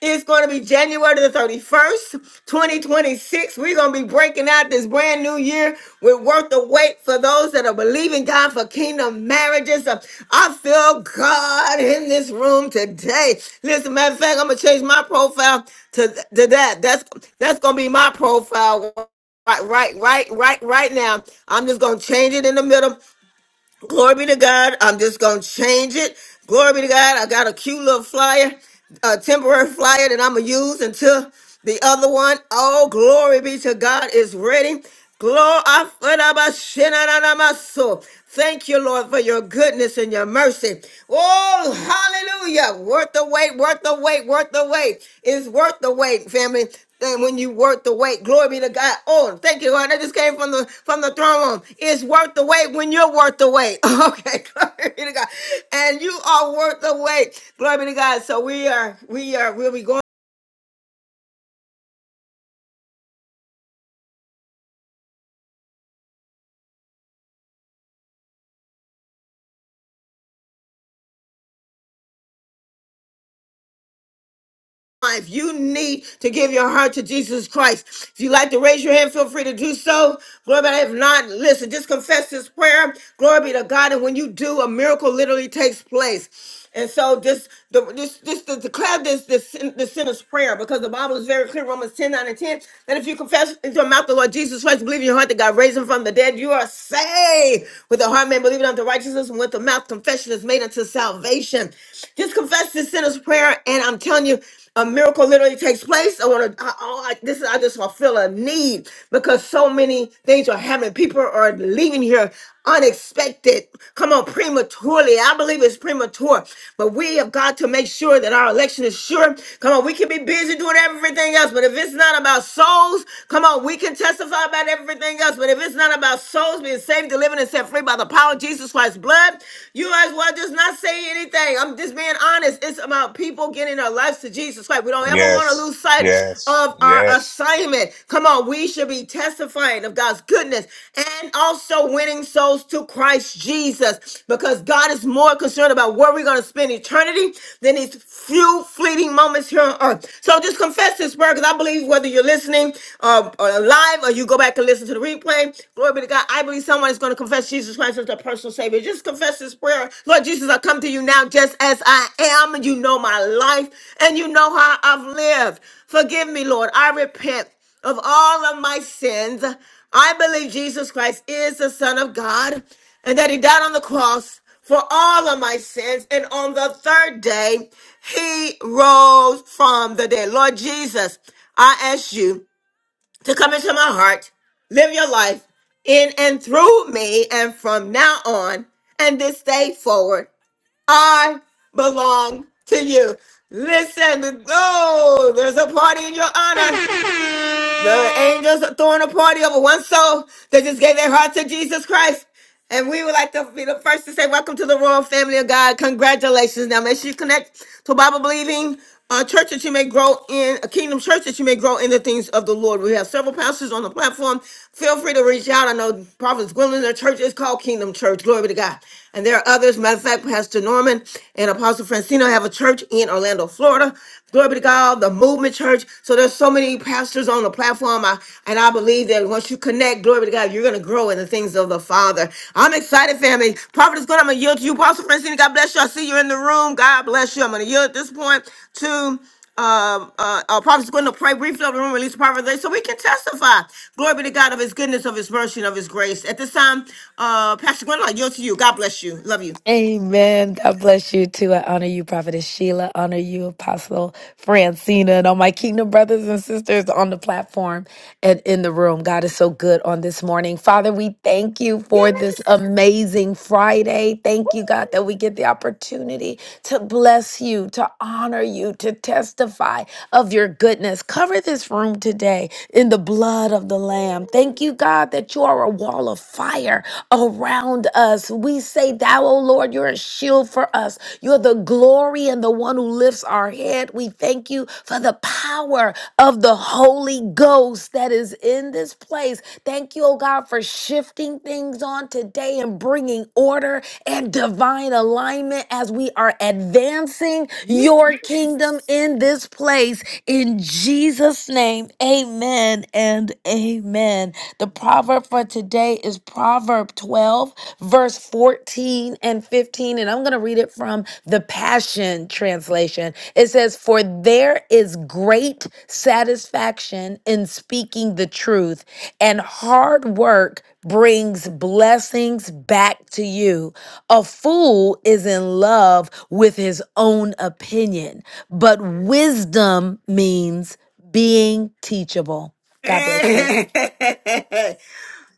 Speaker 1: It's going to be January the 31st, 2026. We're going to be breaking out this brand new year with worth the wait for those that are believing God for kingdom marriages. Uh, I feel God in this room today. Listen, matter of fact, I'm going to change my profile to, to that. That's, that's going to be my profile right, right, right, right, right now. I'm just gonna change it in the middle. Glory be to God. I'm just going to change it. Glory be to God. I got a cute little flyer, a temporary flyer that I'm going to use until the other one. Oh, glory be to God is ready. Glory. Thank you, Lord, for your goodness and your mercy. Oh, hallelujah. Worth the wait, worth the wait, worth the wait. It's worth the wait, family. And when you worth the wait, glory be to God. Oh, thank you, Lord. That just came from the from the throne room. It's worth the wait when you're worth the wait. Okay, glory be to God. And you are worth the wait. Glory be to God. So we are, we are, we'll be going. If you need to give your heart to Jesus Christ, if you would like to raise your hand, feel free to do so. Glory be to God. If not, listen, just confess this prayer. Glory be to God. And when you do, a miracle literally takes place. And so just the just, just to declare this this sin- this sinner's prayer because the Bible is very clear, Romans 10 9 and 10. That if you confess into your mouth the Lord Jesus Christ, believe in your heart that God raised him from the dead, you are saved. With the heart man believing unto righteousness, and with the mouth confession is made unto salvation. Just confess this sinner's prayer, and I'm telling you a miracle literally takes place. I want to. I, I, I- this is. I just feel a need because so many things are happening. People are leaving here unexpected. Come on, prematurely. I believe it's premature, but we have got to make sure that our election is sure. Come on, we can be busy doing everything else, but if it's not about souls, come on, we can testify about everything else. But if it's not about souls being saved, delivered, and set free by the power of Jesus Christ's blood, you as well just not was not saying anything. I'm just being honest. It's about people getting their lives to Jesus Christ. We don't ever want to
Speaker 13: Yes,
Speaker 1: lose sight
Speaker 13: yes,
Speaker 1: of our
Speaker 13: yes.
Speaker 1: assignment. Come on, we should be testifying of God's goodness and also winning souls to Christ Jesus because God is more concerned about where we're going to spend eternity than these few fleeting moments here on earth. So just confess this word because I believe whether you're listening uh, uh, live or you go back and listen to the replay, glory be to God. I believe believe someone is going to confess Jesus Christ as their personal Savior. Just confess this prayer. Lord Jesus, I come to you now just as I am. You know my life and you know how I've lived. Forgive me, Lord. I repent of all of my sins. I believe Jesus Christ is the Son of God and that He died on the cross for all of my sins. And on the third day, He rose from the dead. Lord Jesus, I ask you to come into my heart, live your life in and through me. And from now on and this day forward, I belong to you. Listen, oh, there's a party in your honor. The angels are throwing a party over one soul that just gave their heart to Jesus Christ. And we would like to be the first to say, Welcome to the Royal Family of God. Congratulations. Now, make sure you connect to a Bible believing uh, church that you may grow in, a kingdom church that you may grow in the things of the Lord. We have several pastors on the platform. Feel free to reach out. I know Prophet Gwendolyn, their church is called Kingdom Church. Glory be to God. And there are others. Matter of fact, Pastor Norman and Apostle Francino have a church in Orlando, Florida. Glory be to God, the movement church. So there's so many pastors on the platform. I, and I believe that once you connect, glory be to God, you're going to grow in the things of the Father. I'm excited, family. Prophet is good. I'm going to yield to you. Apostle Francine, God bless you. I see you in the room. God bless you. I'm going to yield at this point to um, uh, uh, Prophet is going to pray briefly over the room, release the prophet of the day, so we can testify. Glory be to God of his goodness, of his mercy, and of his grace. At this time, uh, Pastor Gwen, I yield to you. God bless you. Love you.
Speaker 14: Amen. God bless you too. I honor you, Prophetess Sheila. Honor you, Apostle Francina, and all my kingdom brothers and sisters on the platform and in the room. God is so good on this morning. Father, we thank you for this amazing Friday. Thank you, God, that we get the opportunity to bless you, to honor you, to testify of your goodness. Cover this room today in the blood of the Lamb. Thank you, God, that you are a wall of fire around us. We say, Thou, O Lord, you're a shield for us. You're the glory and the one who lifts our head. We thank you for the power of the Holy Ghost that is in this place. Thank you, oh God, for shifting things on today and bringing order and divine alignment as we are advancing your kingdom in this place. In Jesus' name name. Amen and amen. The proverb for today is Proverb 12, verse 14 and 15. And I'm going to read it from the Passion Translation. It says, For there is great satisfaction in speaking the truth, and hard work brings blessings back to you. A fool is in love with his own opinion, but wisdom means being teachable. God bless you.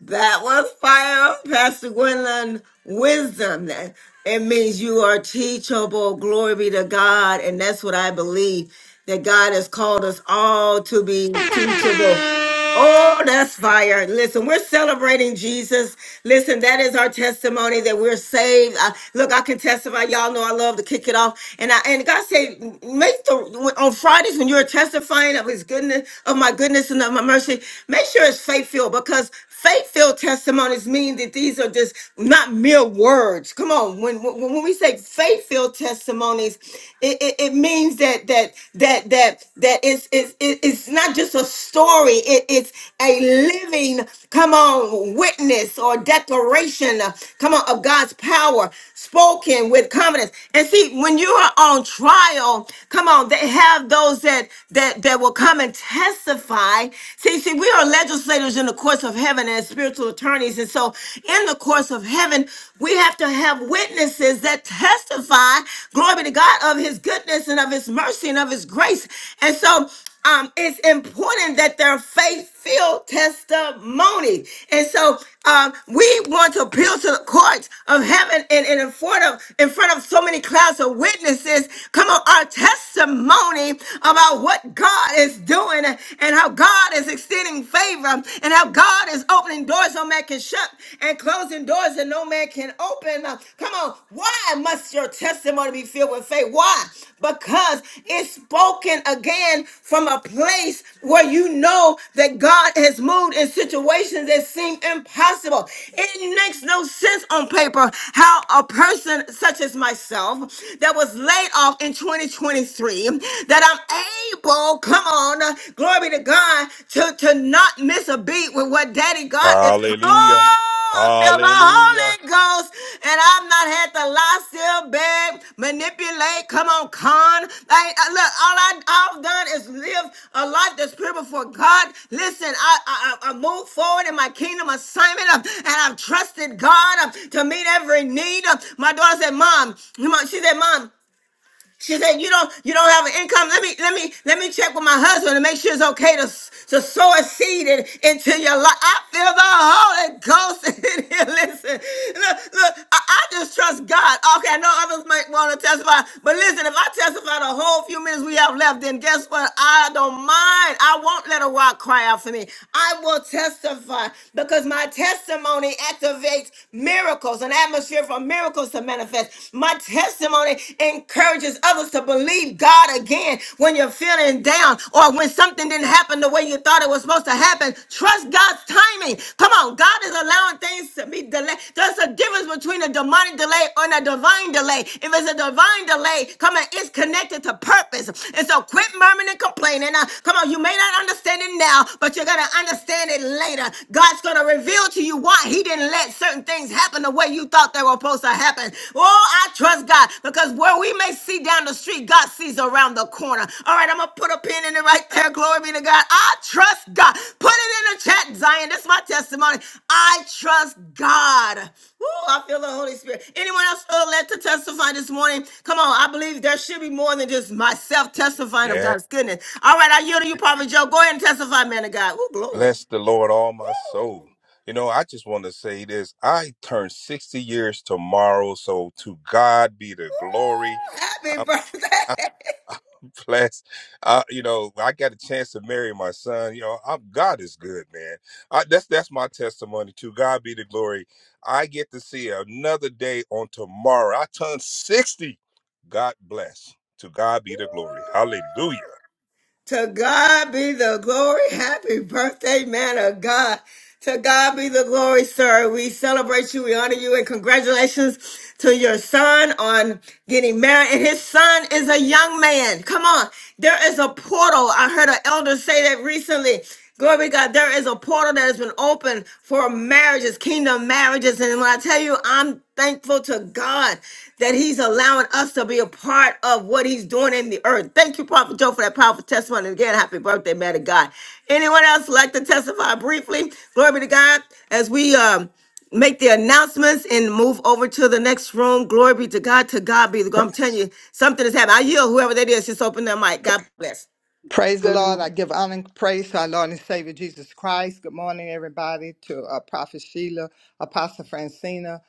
Speaker 1: That was fire, Pastor Gwendolyn. Wisdom. That it means you are teachable. Glory be to God, and that's what I believe that God has called us all to be teachable. Oh, that's fire! Listen, we're celebrating Jesus. Listen, that is our testimony that we're saved. I, look, I can testify. Y'all know I love to kick it off, and I and God said, make the on Fridays when you're testifying of His goodness, of my goodness and of my mercy, make sure it's faith filled because Faith-filled testimonies mean that these are just not mere words. Come on, when when, when we say faith-filled testimonies, it, it, it means that that that that that it's it's it- it's not just a story. It, it's a living, come on, witness or declaration, uh, come on, of God's power spoken with confidence. And see, when you are on trial, come on, they have those that that that will come and testify. See, See, see, we are legislators in the courts of heaven and spiritual attorneys. And so, in the courts of heaven, we have to have witnesses that testify, glory be to God, of his goodness and of his mercy and of his grace. And so, um, it's important that their faith filled testimony. And so um, we want to appeal to the courts of heaven and, and in front of in front of so many clouds of witnesses. Come on, our testimony about what God is doing and how God is extending favor and how God is opening doors no man can shut and closing doors that no man can open. Uh, Come on, why must your testimony be filled with faith? Why? Because it's spoken again from a place where you know that God has moved in situations that seem impossible. It makes no sense on paper how a person such as myself that was laid off in 2023 me that I'm able, come on, glory to God, to, to not miss a beat with what Daddy God is.
Speaker 13: Hallelujah.
Speaker 1: Oh, I feel the
Speaker 13: Hallelujah.
Speaker 1: Holy Ghost, and I've not had to lie, still beg, manipulate, come on, con. I, I- look, all I, I've done is live a life that's pure before God. Listen, I, I, I I moved forward in my kingdom assignment, uh, and I've trusted God uh, to meet every need. Uh, My daughter said, Mom, Mom," she said, Mom, she said, "You don't, you don't have an income. Let me, let me, let me check with my husband and make sure it's okay to, s- to sow a seed in- into your life." I feel the Holy Ghost in here. Listen, look, look. I, I just trust God. Okay, I know others might want to testify, but listen, if I testify the whole few minutes we have left, then guess what? I don't mind. I won't let a rock cry out for me. I will testify because my testimony activates miracles, an atmosphere for miracles to manifest. My testimony encourages others to believe God again when you're feeling down or when something didn't happen the way you thought it was supposed to happen. Trust God's timing. Come on, God is allowing things to be delayed. There's a difference between a demonic delay and a divine delay. If it's a divine delay, come on, it's connected to purpose. And so quit murmuring and complaining. Now, come on, you may not understand it now, but you're going to understand it later. God's going to reveal to you why He didn't and let certain things happen the way you thought they were supposed to happen. Oh, I trust God because where we may see down the street, God sees around the corner. All right, I'm gonna put a pin in it right there. Glory be to God. I trust God. Put it in the chat, Zion. That's my testimony. I trust God. Ooh, I feel the Holy Spirit. Anyone else feel led to testify this morning? Come on, I believe there should be more than just myself testifying of
Speaker 13: Yeah.
Speaker 1: God's goodness. All right, I yield to you, Prophet Joe. Go ahead and testify, man of God. Ooh, glory.
Speaker 13: Bless the Lord, all my
Speaker 1: Woo!
Speaker 13: soul. You know, I just want to say this. I turn 60 years tomorrow, so to God be the glory.
Speaker 1: Happy birthday.
Speaker 13: blessed. I, you know, I got a chance to marry my son. You know, I'm, God is good, man. I, that's that's my testimony too. God be the glory. I get to see another day on tomorrow. I turn sixty. God bless. To God be the glory. Hallelujah.
Speaker 1: To God be the glory. Happy birthday, man of God. To God be the glory, sir. We celebrate you. We honor you and congratulations to your son on getting married. And his son is a young man. Come on. There is a portal. I heard an elder say that recently. Glory to God. There is a portal that has been opened for marriages, kingdom marriages. And when I tell you, I'm thankful to God that he's allowing us to be a part of what he's doing in the earth. Thank you, Prophet Joe, for that powerful testimony. And Again, happy birthday, man of God. Anyone else like to testify briefly? Glory be to God. As we um make the announcements and move over to the next room. Glory be to God. To God be the glory. I'm telling you, something is happening. I yield whoever that is, just open their mic. God bless.
Speaker 5: Praise the
Speaker 3: Good
Speaker 5: Lord. I give honor and praise to our Lord and Savior Jesus Christ. Good morning, everybody, to uh, Prophet Sheila, Apostle Francina,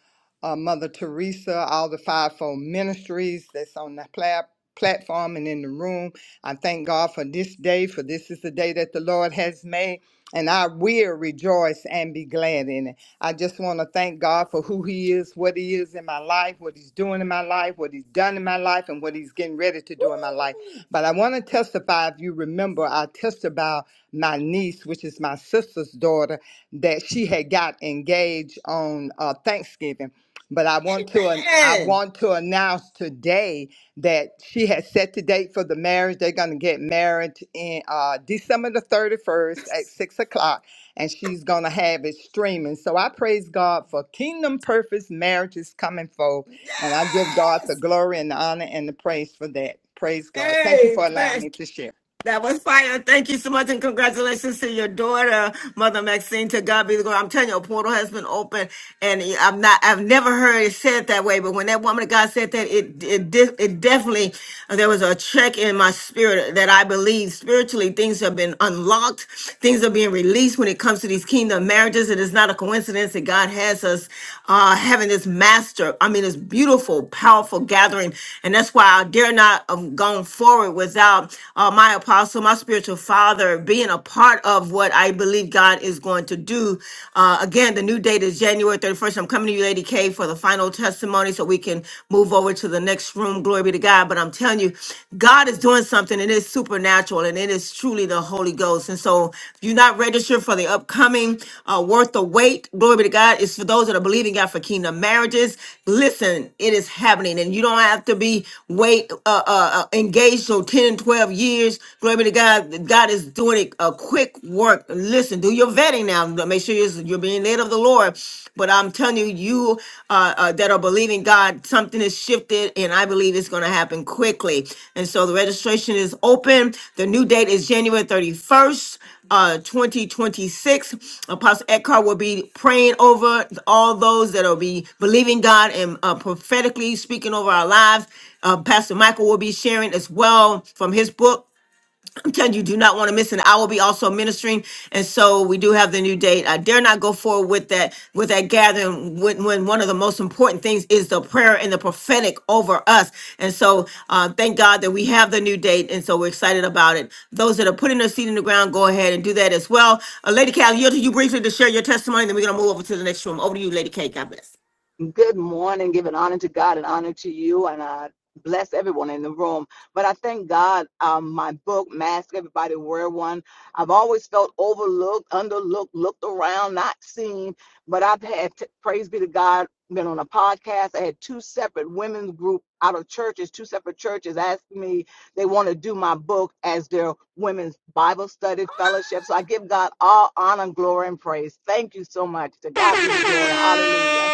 Speaker 5: uh, Mother Teresa, all the fivefold ministries that's on the pla- platform and in the room. I thank God for this day, for this is the day that the Lord has made. and I will rejoice and be glad in it. I just want to thank God for who He is, what He is in my life, what He's doing in my life, what He's done in my life, and what He's getting ready to do in my life. But I want to testify, if you remember, I testified about my niece, which is my sister's daughter, that she had got engaged on uh, Thanksgiving. But I want to an- I
Speaker 1: Amen.
Speaker 5: want to announce today that she has set the date for the marriage. They're going to get married in uh, December the thirty first at six o'clock, and she's going to have it streaming. So I praise God for Kingdom Purpose marriages coming forth, and I give God the
Speaker 1: Yes.
Speaker 5: glory and the honor and the praise for that. Praise God. Thank you for allowing
Speaker 1: Amen.
Speaker 5: me to share.
Speaker 1: That was fire. Thank you so much. And congratulations to your daughter, Mother Maxine. To God be the glory. I'm telling you, a portal has been opened. And I'm not, I've never heard it said that way, but when that woman of God said that, it, it, de- it definitely, there was a check in my spirit that I believe spiritually things have been unlocked. Things are being released when it comes to these kingdom marriages. It is not a coincidence that God has us uh, having this master, I mean, this beautiful, powerful gathering. And that's why I dare not have gone forward without uh, my apostle, my spiritual father being a part of what I believe God is going to do do. Uh, again, the new date is January 31st. I'm coming to you, Lady K, for the final testimony so we can move over to the next room. Glory be to God. But I'm telling you, God is doing something and it's supernatural and it is truly the Holy Ghost. And so if you're not registered for the upcoming uh, Worth the Wait, glory be to God, it's for those that are believing God for kingdom marriages. Listen, it is happening and you don't have to be wait uh, uh, uh, engaged so 10, 12 years. Glory be to God. God is doing it according quick work. Listen, do your vetting now. Make sure you're you're being led of the Lord. But I'm telling you, you uh, uh, that are believing God, something is shifted, and I believe it's going to happen quickly. And so the registration is open. The new date is January 31st uh 2026 apostle eckhart will be praying over all those that will be believing god and uh, prophetically speaking over our lives uh, pastor michael will be sharing as well from his book 10, you do not want to miss and i will be also ministering and so we do have the new date i dare not go forward with that with that gathering when, when one of the most important things is the prayer and the prophetic over us and so uh, thank god that we have the new date and so we're excited about it those that are putting their seed in the ground go ahead and do that as well uh, lady Cal, yield to you briefly to share your testimony then we're going to move over to the next room over to you lady k god bless
Speaker 3: Good morning. Giving honor to God and honor to you, and I bless everyone in the room. But I thank God, um, my book, Mask Everybody Wear One. I've always felt overlooked, underlooked, looked around, not seen. But I've had, t- praise be to God, been on a podcast. I had two separate women's group out of churches, two separate churches asked me they want to do my book as their women's Bible study fellowship. So I give God all honor, glory, and praise. Thank you so much. To God be the glory. Hallelujah.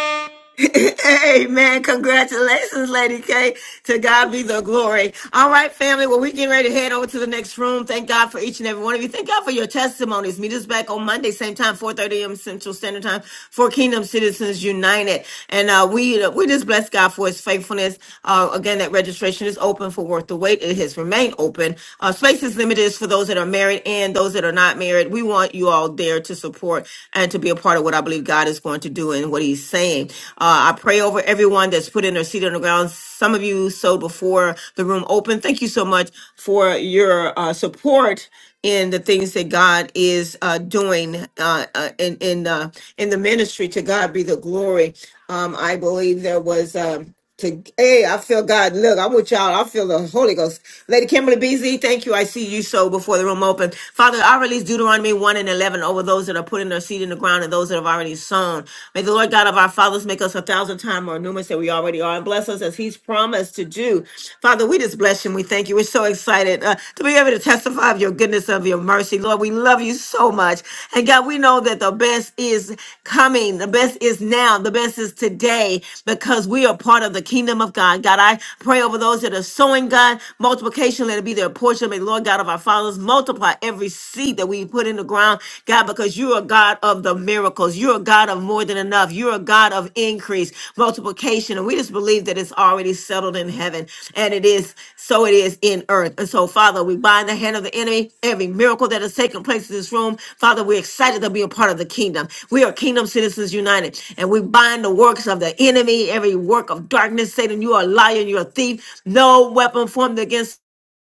Speaker 1: Amen. Congratulations, Lady K. to God be the glory. All right, family. Well, we're getting ready to head over to the next room. Thank God for each and every one of you. Thank God for your testimonies. Meet us back on Monday, same time, 4.30 a.m. Central Standard Time for Kingdom Citizens United. And uh, we uh, we just bless God for his faithfulness. Uh, again, that registration is open for Worth the Wait. It has remained open. Uh, space is limited It's for those that are married and those that are not married. We want you all there to support and to be a part of what I believe God is going to do and what he's saying. Uh, uh, I pray over everyone that's put in their seat on the ground. Some of you sowed before the room opened. Thank you so much for your uh, support in the things that God is uh, doing uh, uh, in in uh, in the ministry. To God be the glory. Um, I believe there was. Um, to hey, I feel God. Look, I'm with y'all. I feel the Holy Ghost. Lady Kimberly BZ, thank you. I see you so before the room open. Father, I release Deuteronomy 1 and 11 over those that are putting their seed in the ground and those that have already sown. May the Lord God of our fathers make us a thousand times more numerous than we already are and bless us as He's promised to do. Father, we just bless you and we thank you. We're so excited uh, to be able to testify of your goodness goodness of your mercy. Lord, we love you so much. And God, we know that the best is coming. The best is now. The best is today because we are part of the kingdom of God. God, I pray over those that are sowing, God, multiplication, let it be their portion. May the Lord God of our fathers multiply every seed that we put in the ground, God, because you are God of the miracles. You are God of more than enough. You are a God of increase, multiplication. And we just believe that it's already settled in heaven and it is so it is in earth. And so, Father, we bind the hand of the enemy, every miracle that has taken place in this room. Father, we're excited to be a part of the kingdom. We are Kingdom Citizens United and we bind the works of the enemy, every work of darkness. Satan, you are a liar, you're a thief. No weapon formed against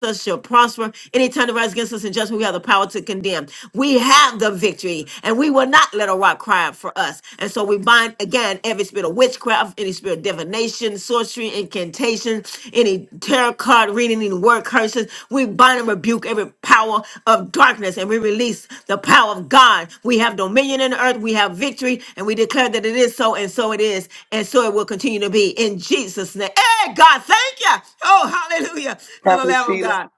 Speaker 1: us shall prosper. Any time that rise against us in judgment, we have the power to condemn. We have the victory, and we will not let a rock cry out for us. And so we bind again every spirit of witchcraft, any spirit of divination, sorcery, incantation, any tarot card reading, any word curses. We bind and rebuke every power of darkness and we release the power of God. We have dominion in the earth, we have victory, and we declare that it is so, and so it is, and so it will continue to be in Jesus' name. Hey, God, thank you. Oh, hallelujah to the
Speaker 11: Prophet
Speaker 1: Lamb of
Speaker 11: Sheila.
Speaker 1: God.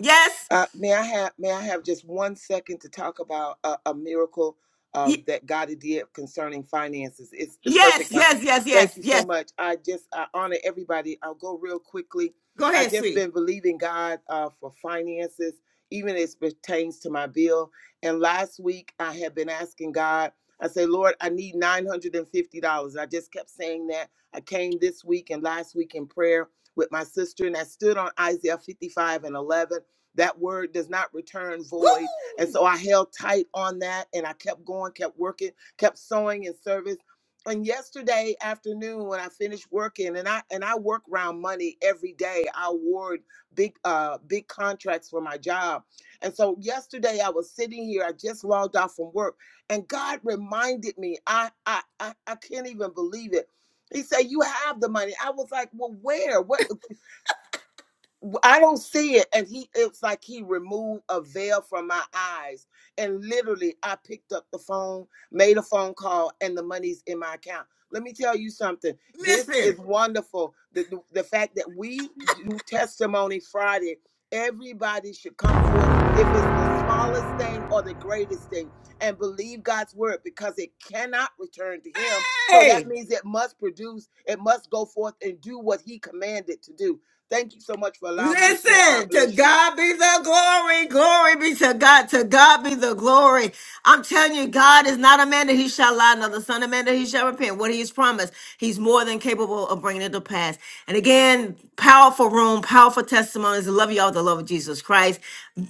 Speaker 1: Yes,
Speaker 11: Uh, may I have may I have just one second to talk about a, a miracle um,
Speaker 1: y-
Speaker 11: that God did concerning finances? It's the
Speaker 1: yes,
Speaker 11: perfect time.
Speaker 1: yes, yes,
Speaker 11: Thank
Speaker 1: yes,
Speaker 11: you
Speaker 1: yes.
Speaker 11: so much. I just I honor everybody. I'll go real quickly.
Speaker 1: Go
Speaker 11: I
Speaker 1: ahead,
Speaker 11: just
Speaker 1: sweet.
Speaker 11: been believing God uh, for finances, even as pertains to my bill. And last week I had been asking God. I say, Lord, I need nine hundred and fifty dollars. I just kept saying that. I came this week and last week in prayer with my sister, and I stood on Isaiah fifty-five and eleven that word does not return void. And so I held tight on that and I kept going, kept working, kept sowing in service. And yesterday afternoon when I finished working and I and I work around money every day. I award big uh big contracts for my job. And so yesterday I was sitting here, I just logged off from work, and God reminded me, I I I, I can't even believe it. He said, You have the money. I was like, Well, where? What I I don't see it. And he, it's like he removed a veil from my eyes. And literally, I picked up the phone, made a phone call, and the money's in my account. Let me tell you something. This
Speaker 1: Listen.
Speaker 11: is wonderful. The, the, the fact that we do Testimony Friday, everybody should come forth, if it's the smallest thing or the greatest thing, and believe God's word because it cannot return to Him. So that
Speaker 1: Hey.
Speaker 11: means it must produce, it must go forth and do what He commanded to do. Thank you so much for allowing me to share. God
Speaker 1: Listen, to
Speaker 11: bless you.
Speaker 1: God be the glory. Glory be to God. To God be the glory. I'm telling you, God is not a man that he shall lie, nor the son of man that he shall repent. What he has promised, he's more than capable of bringing it to pass. And again, powerful room, powerful testimonies. I love you all with the love of Jesus Christ.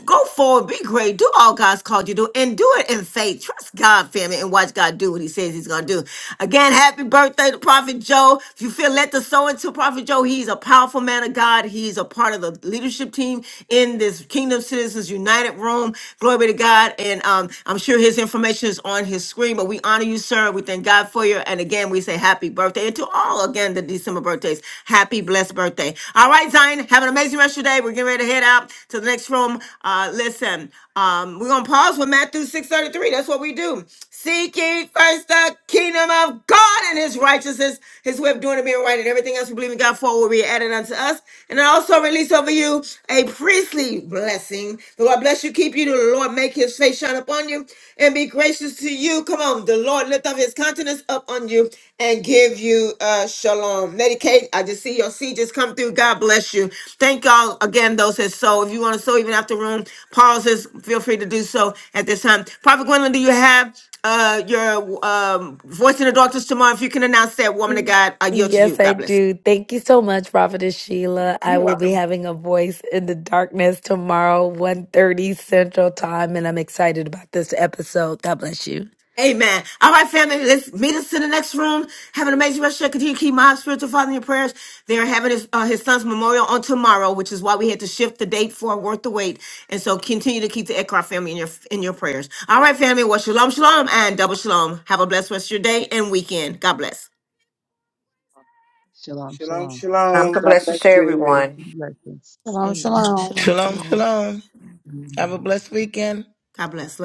Speaker 1: Go forward, be great, do all God's called you to do, and do it in faith. Trust God, family, and watch God do what He says He's gonna do. Again, happy birthday to Prophet Joe. If you feel led to sow into Prophet Joe, he's a powerful man of God. He's a part of the leadership team in this Kingdom Citizens United room. Glory be to God. And um, I'm sure his information is on his screen, but we we honor you, sir. We thank God for you. And again, we say happy birthday. And to all, again, the December birthdays, happy blessed birthday. All right, Zion, have an amazing rest of your day. We're getting ready to head out to the next room. Uh, listen, um, we're going to pause with Matthew 633. That's what we do. Seek ye first the kingdom of God and his righteousness, his way of doing it being right, and everything else we believe in God. God For will be added unto us. And I also release over you a priestly blessing. The Lord bless you, keep you. The Lord make his face shine upon you and be gracious to you. Come on, the Lord lift up his countenance up on you and give you uh, shalom. Lady Kate, I just see your seed just come through. God bless you. Thank y'all again, those that sow. If you want to sow even after room pauses, feel free to do so at this time. Prophet Gwendolyn, do you have uh, your um, voice in the darkness tomorrow? If you can announce that, woman of God, I yield to you.
Speaker 14: Yes, I
Speaker 1: God bless.
Speaker 14: do. Thank you so much, Prophetess Sheila. I will be having a voice in the darkness tomorrow, one thirty Central Time, and I'm excited about this episode. God bless you.
Speaker 1: Amen. All right, family, let's meet us in the next room. Have an amazing rest of your Continue to keep my spiritual father in your prayers. They are having his, uh, his son's memorial on tomorrow, which is why we had to shift the date for Worth the Wait. And so continue to keep the Eckhart family in your in your prayers. All right, family, well, shalom, shalom, and double shalom. Have a blessed rest of your day and weekend. God bless.
Speaker 15: Shalom,
Speaker 11: Shalom,
Speaker 15: shalom.
Speaker 2: I'm
Speaker 11: shalom.
Speaker 2: so
Speaker 11: God
Speaker 2: blessed to
Speaker 11: bless you.
Speaker 2: everyone.
Speaker 15: Blessings.
Speaker 9: Shalom, shalom.
Speaker 16: Shalom,
Speaker 6: Shalom,
Speaker 16: shalom.
Speaker 6: shalom.
Speaker 15: Mm.
Speaker 6: Have a blessed weekend.
Speaker 1: God bless. Love.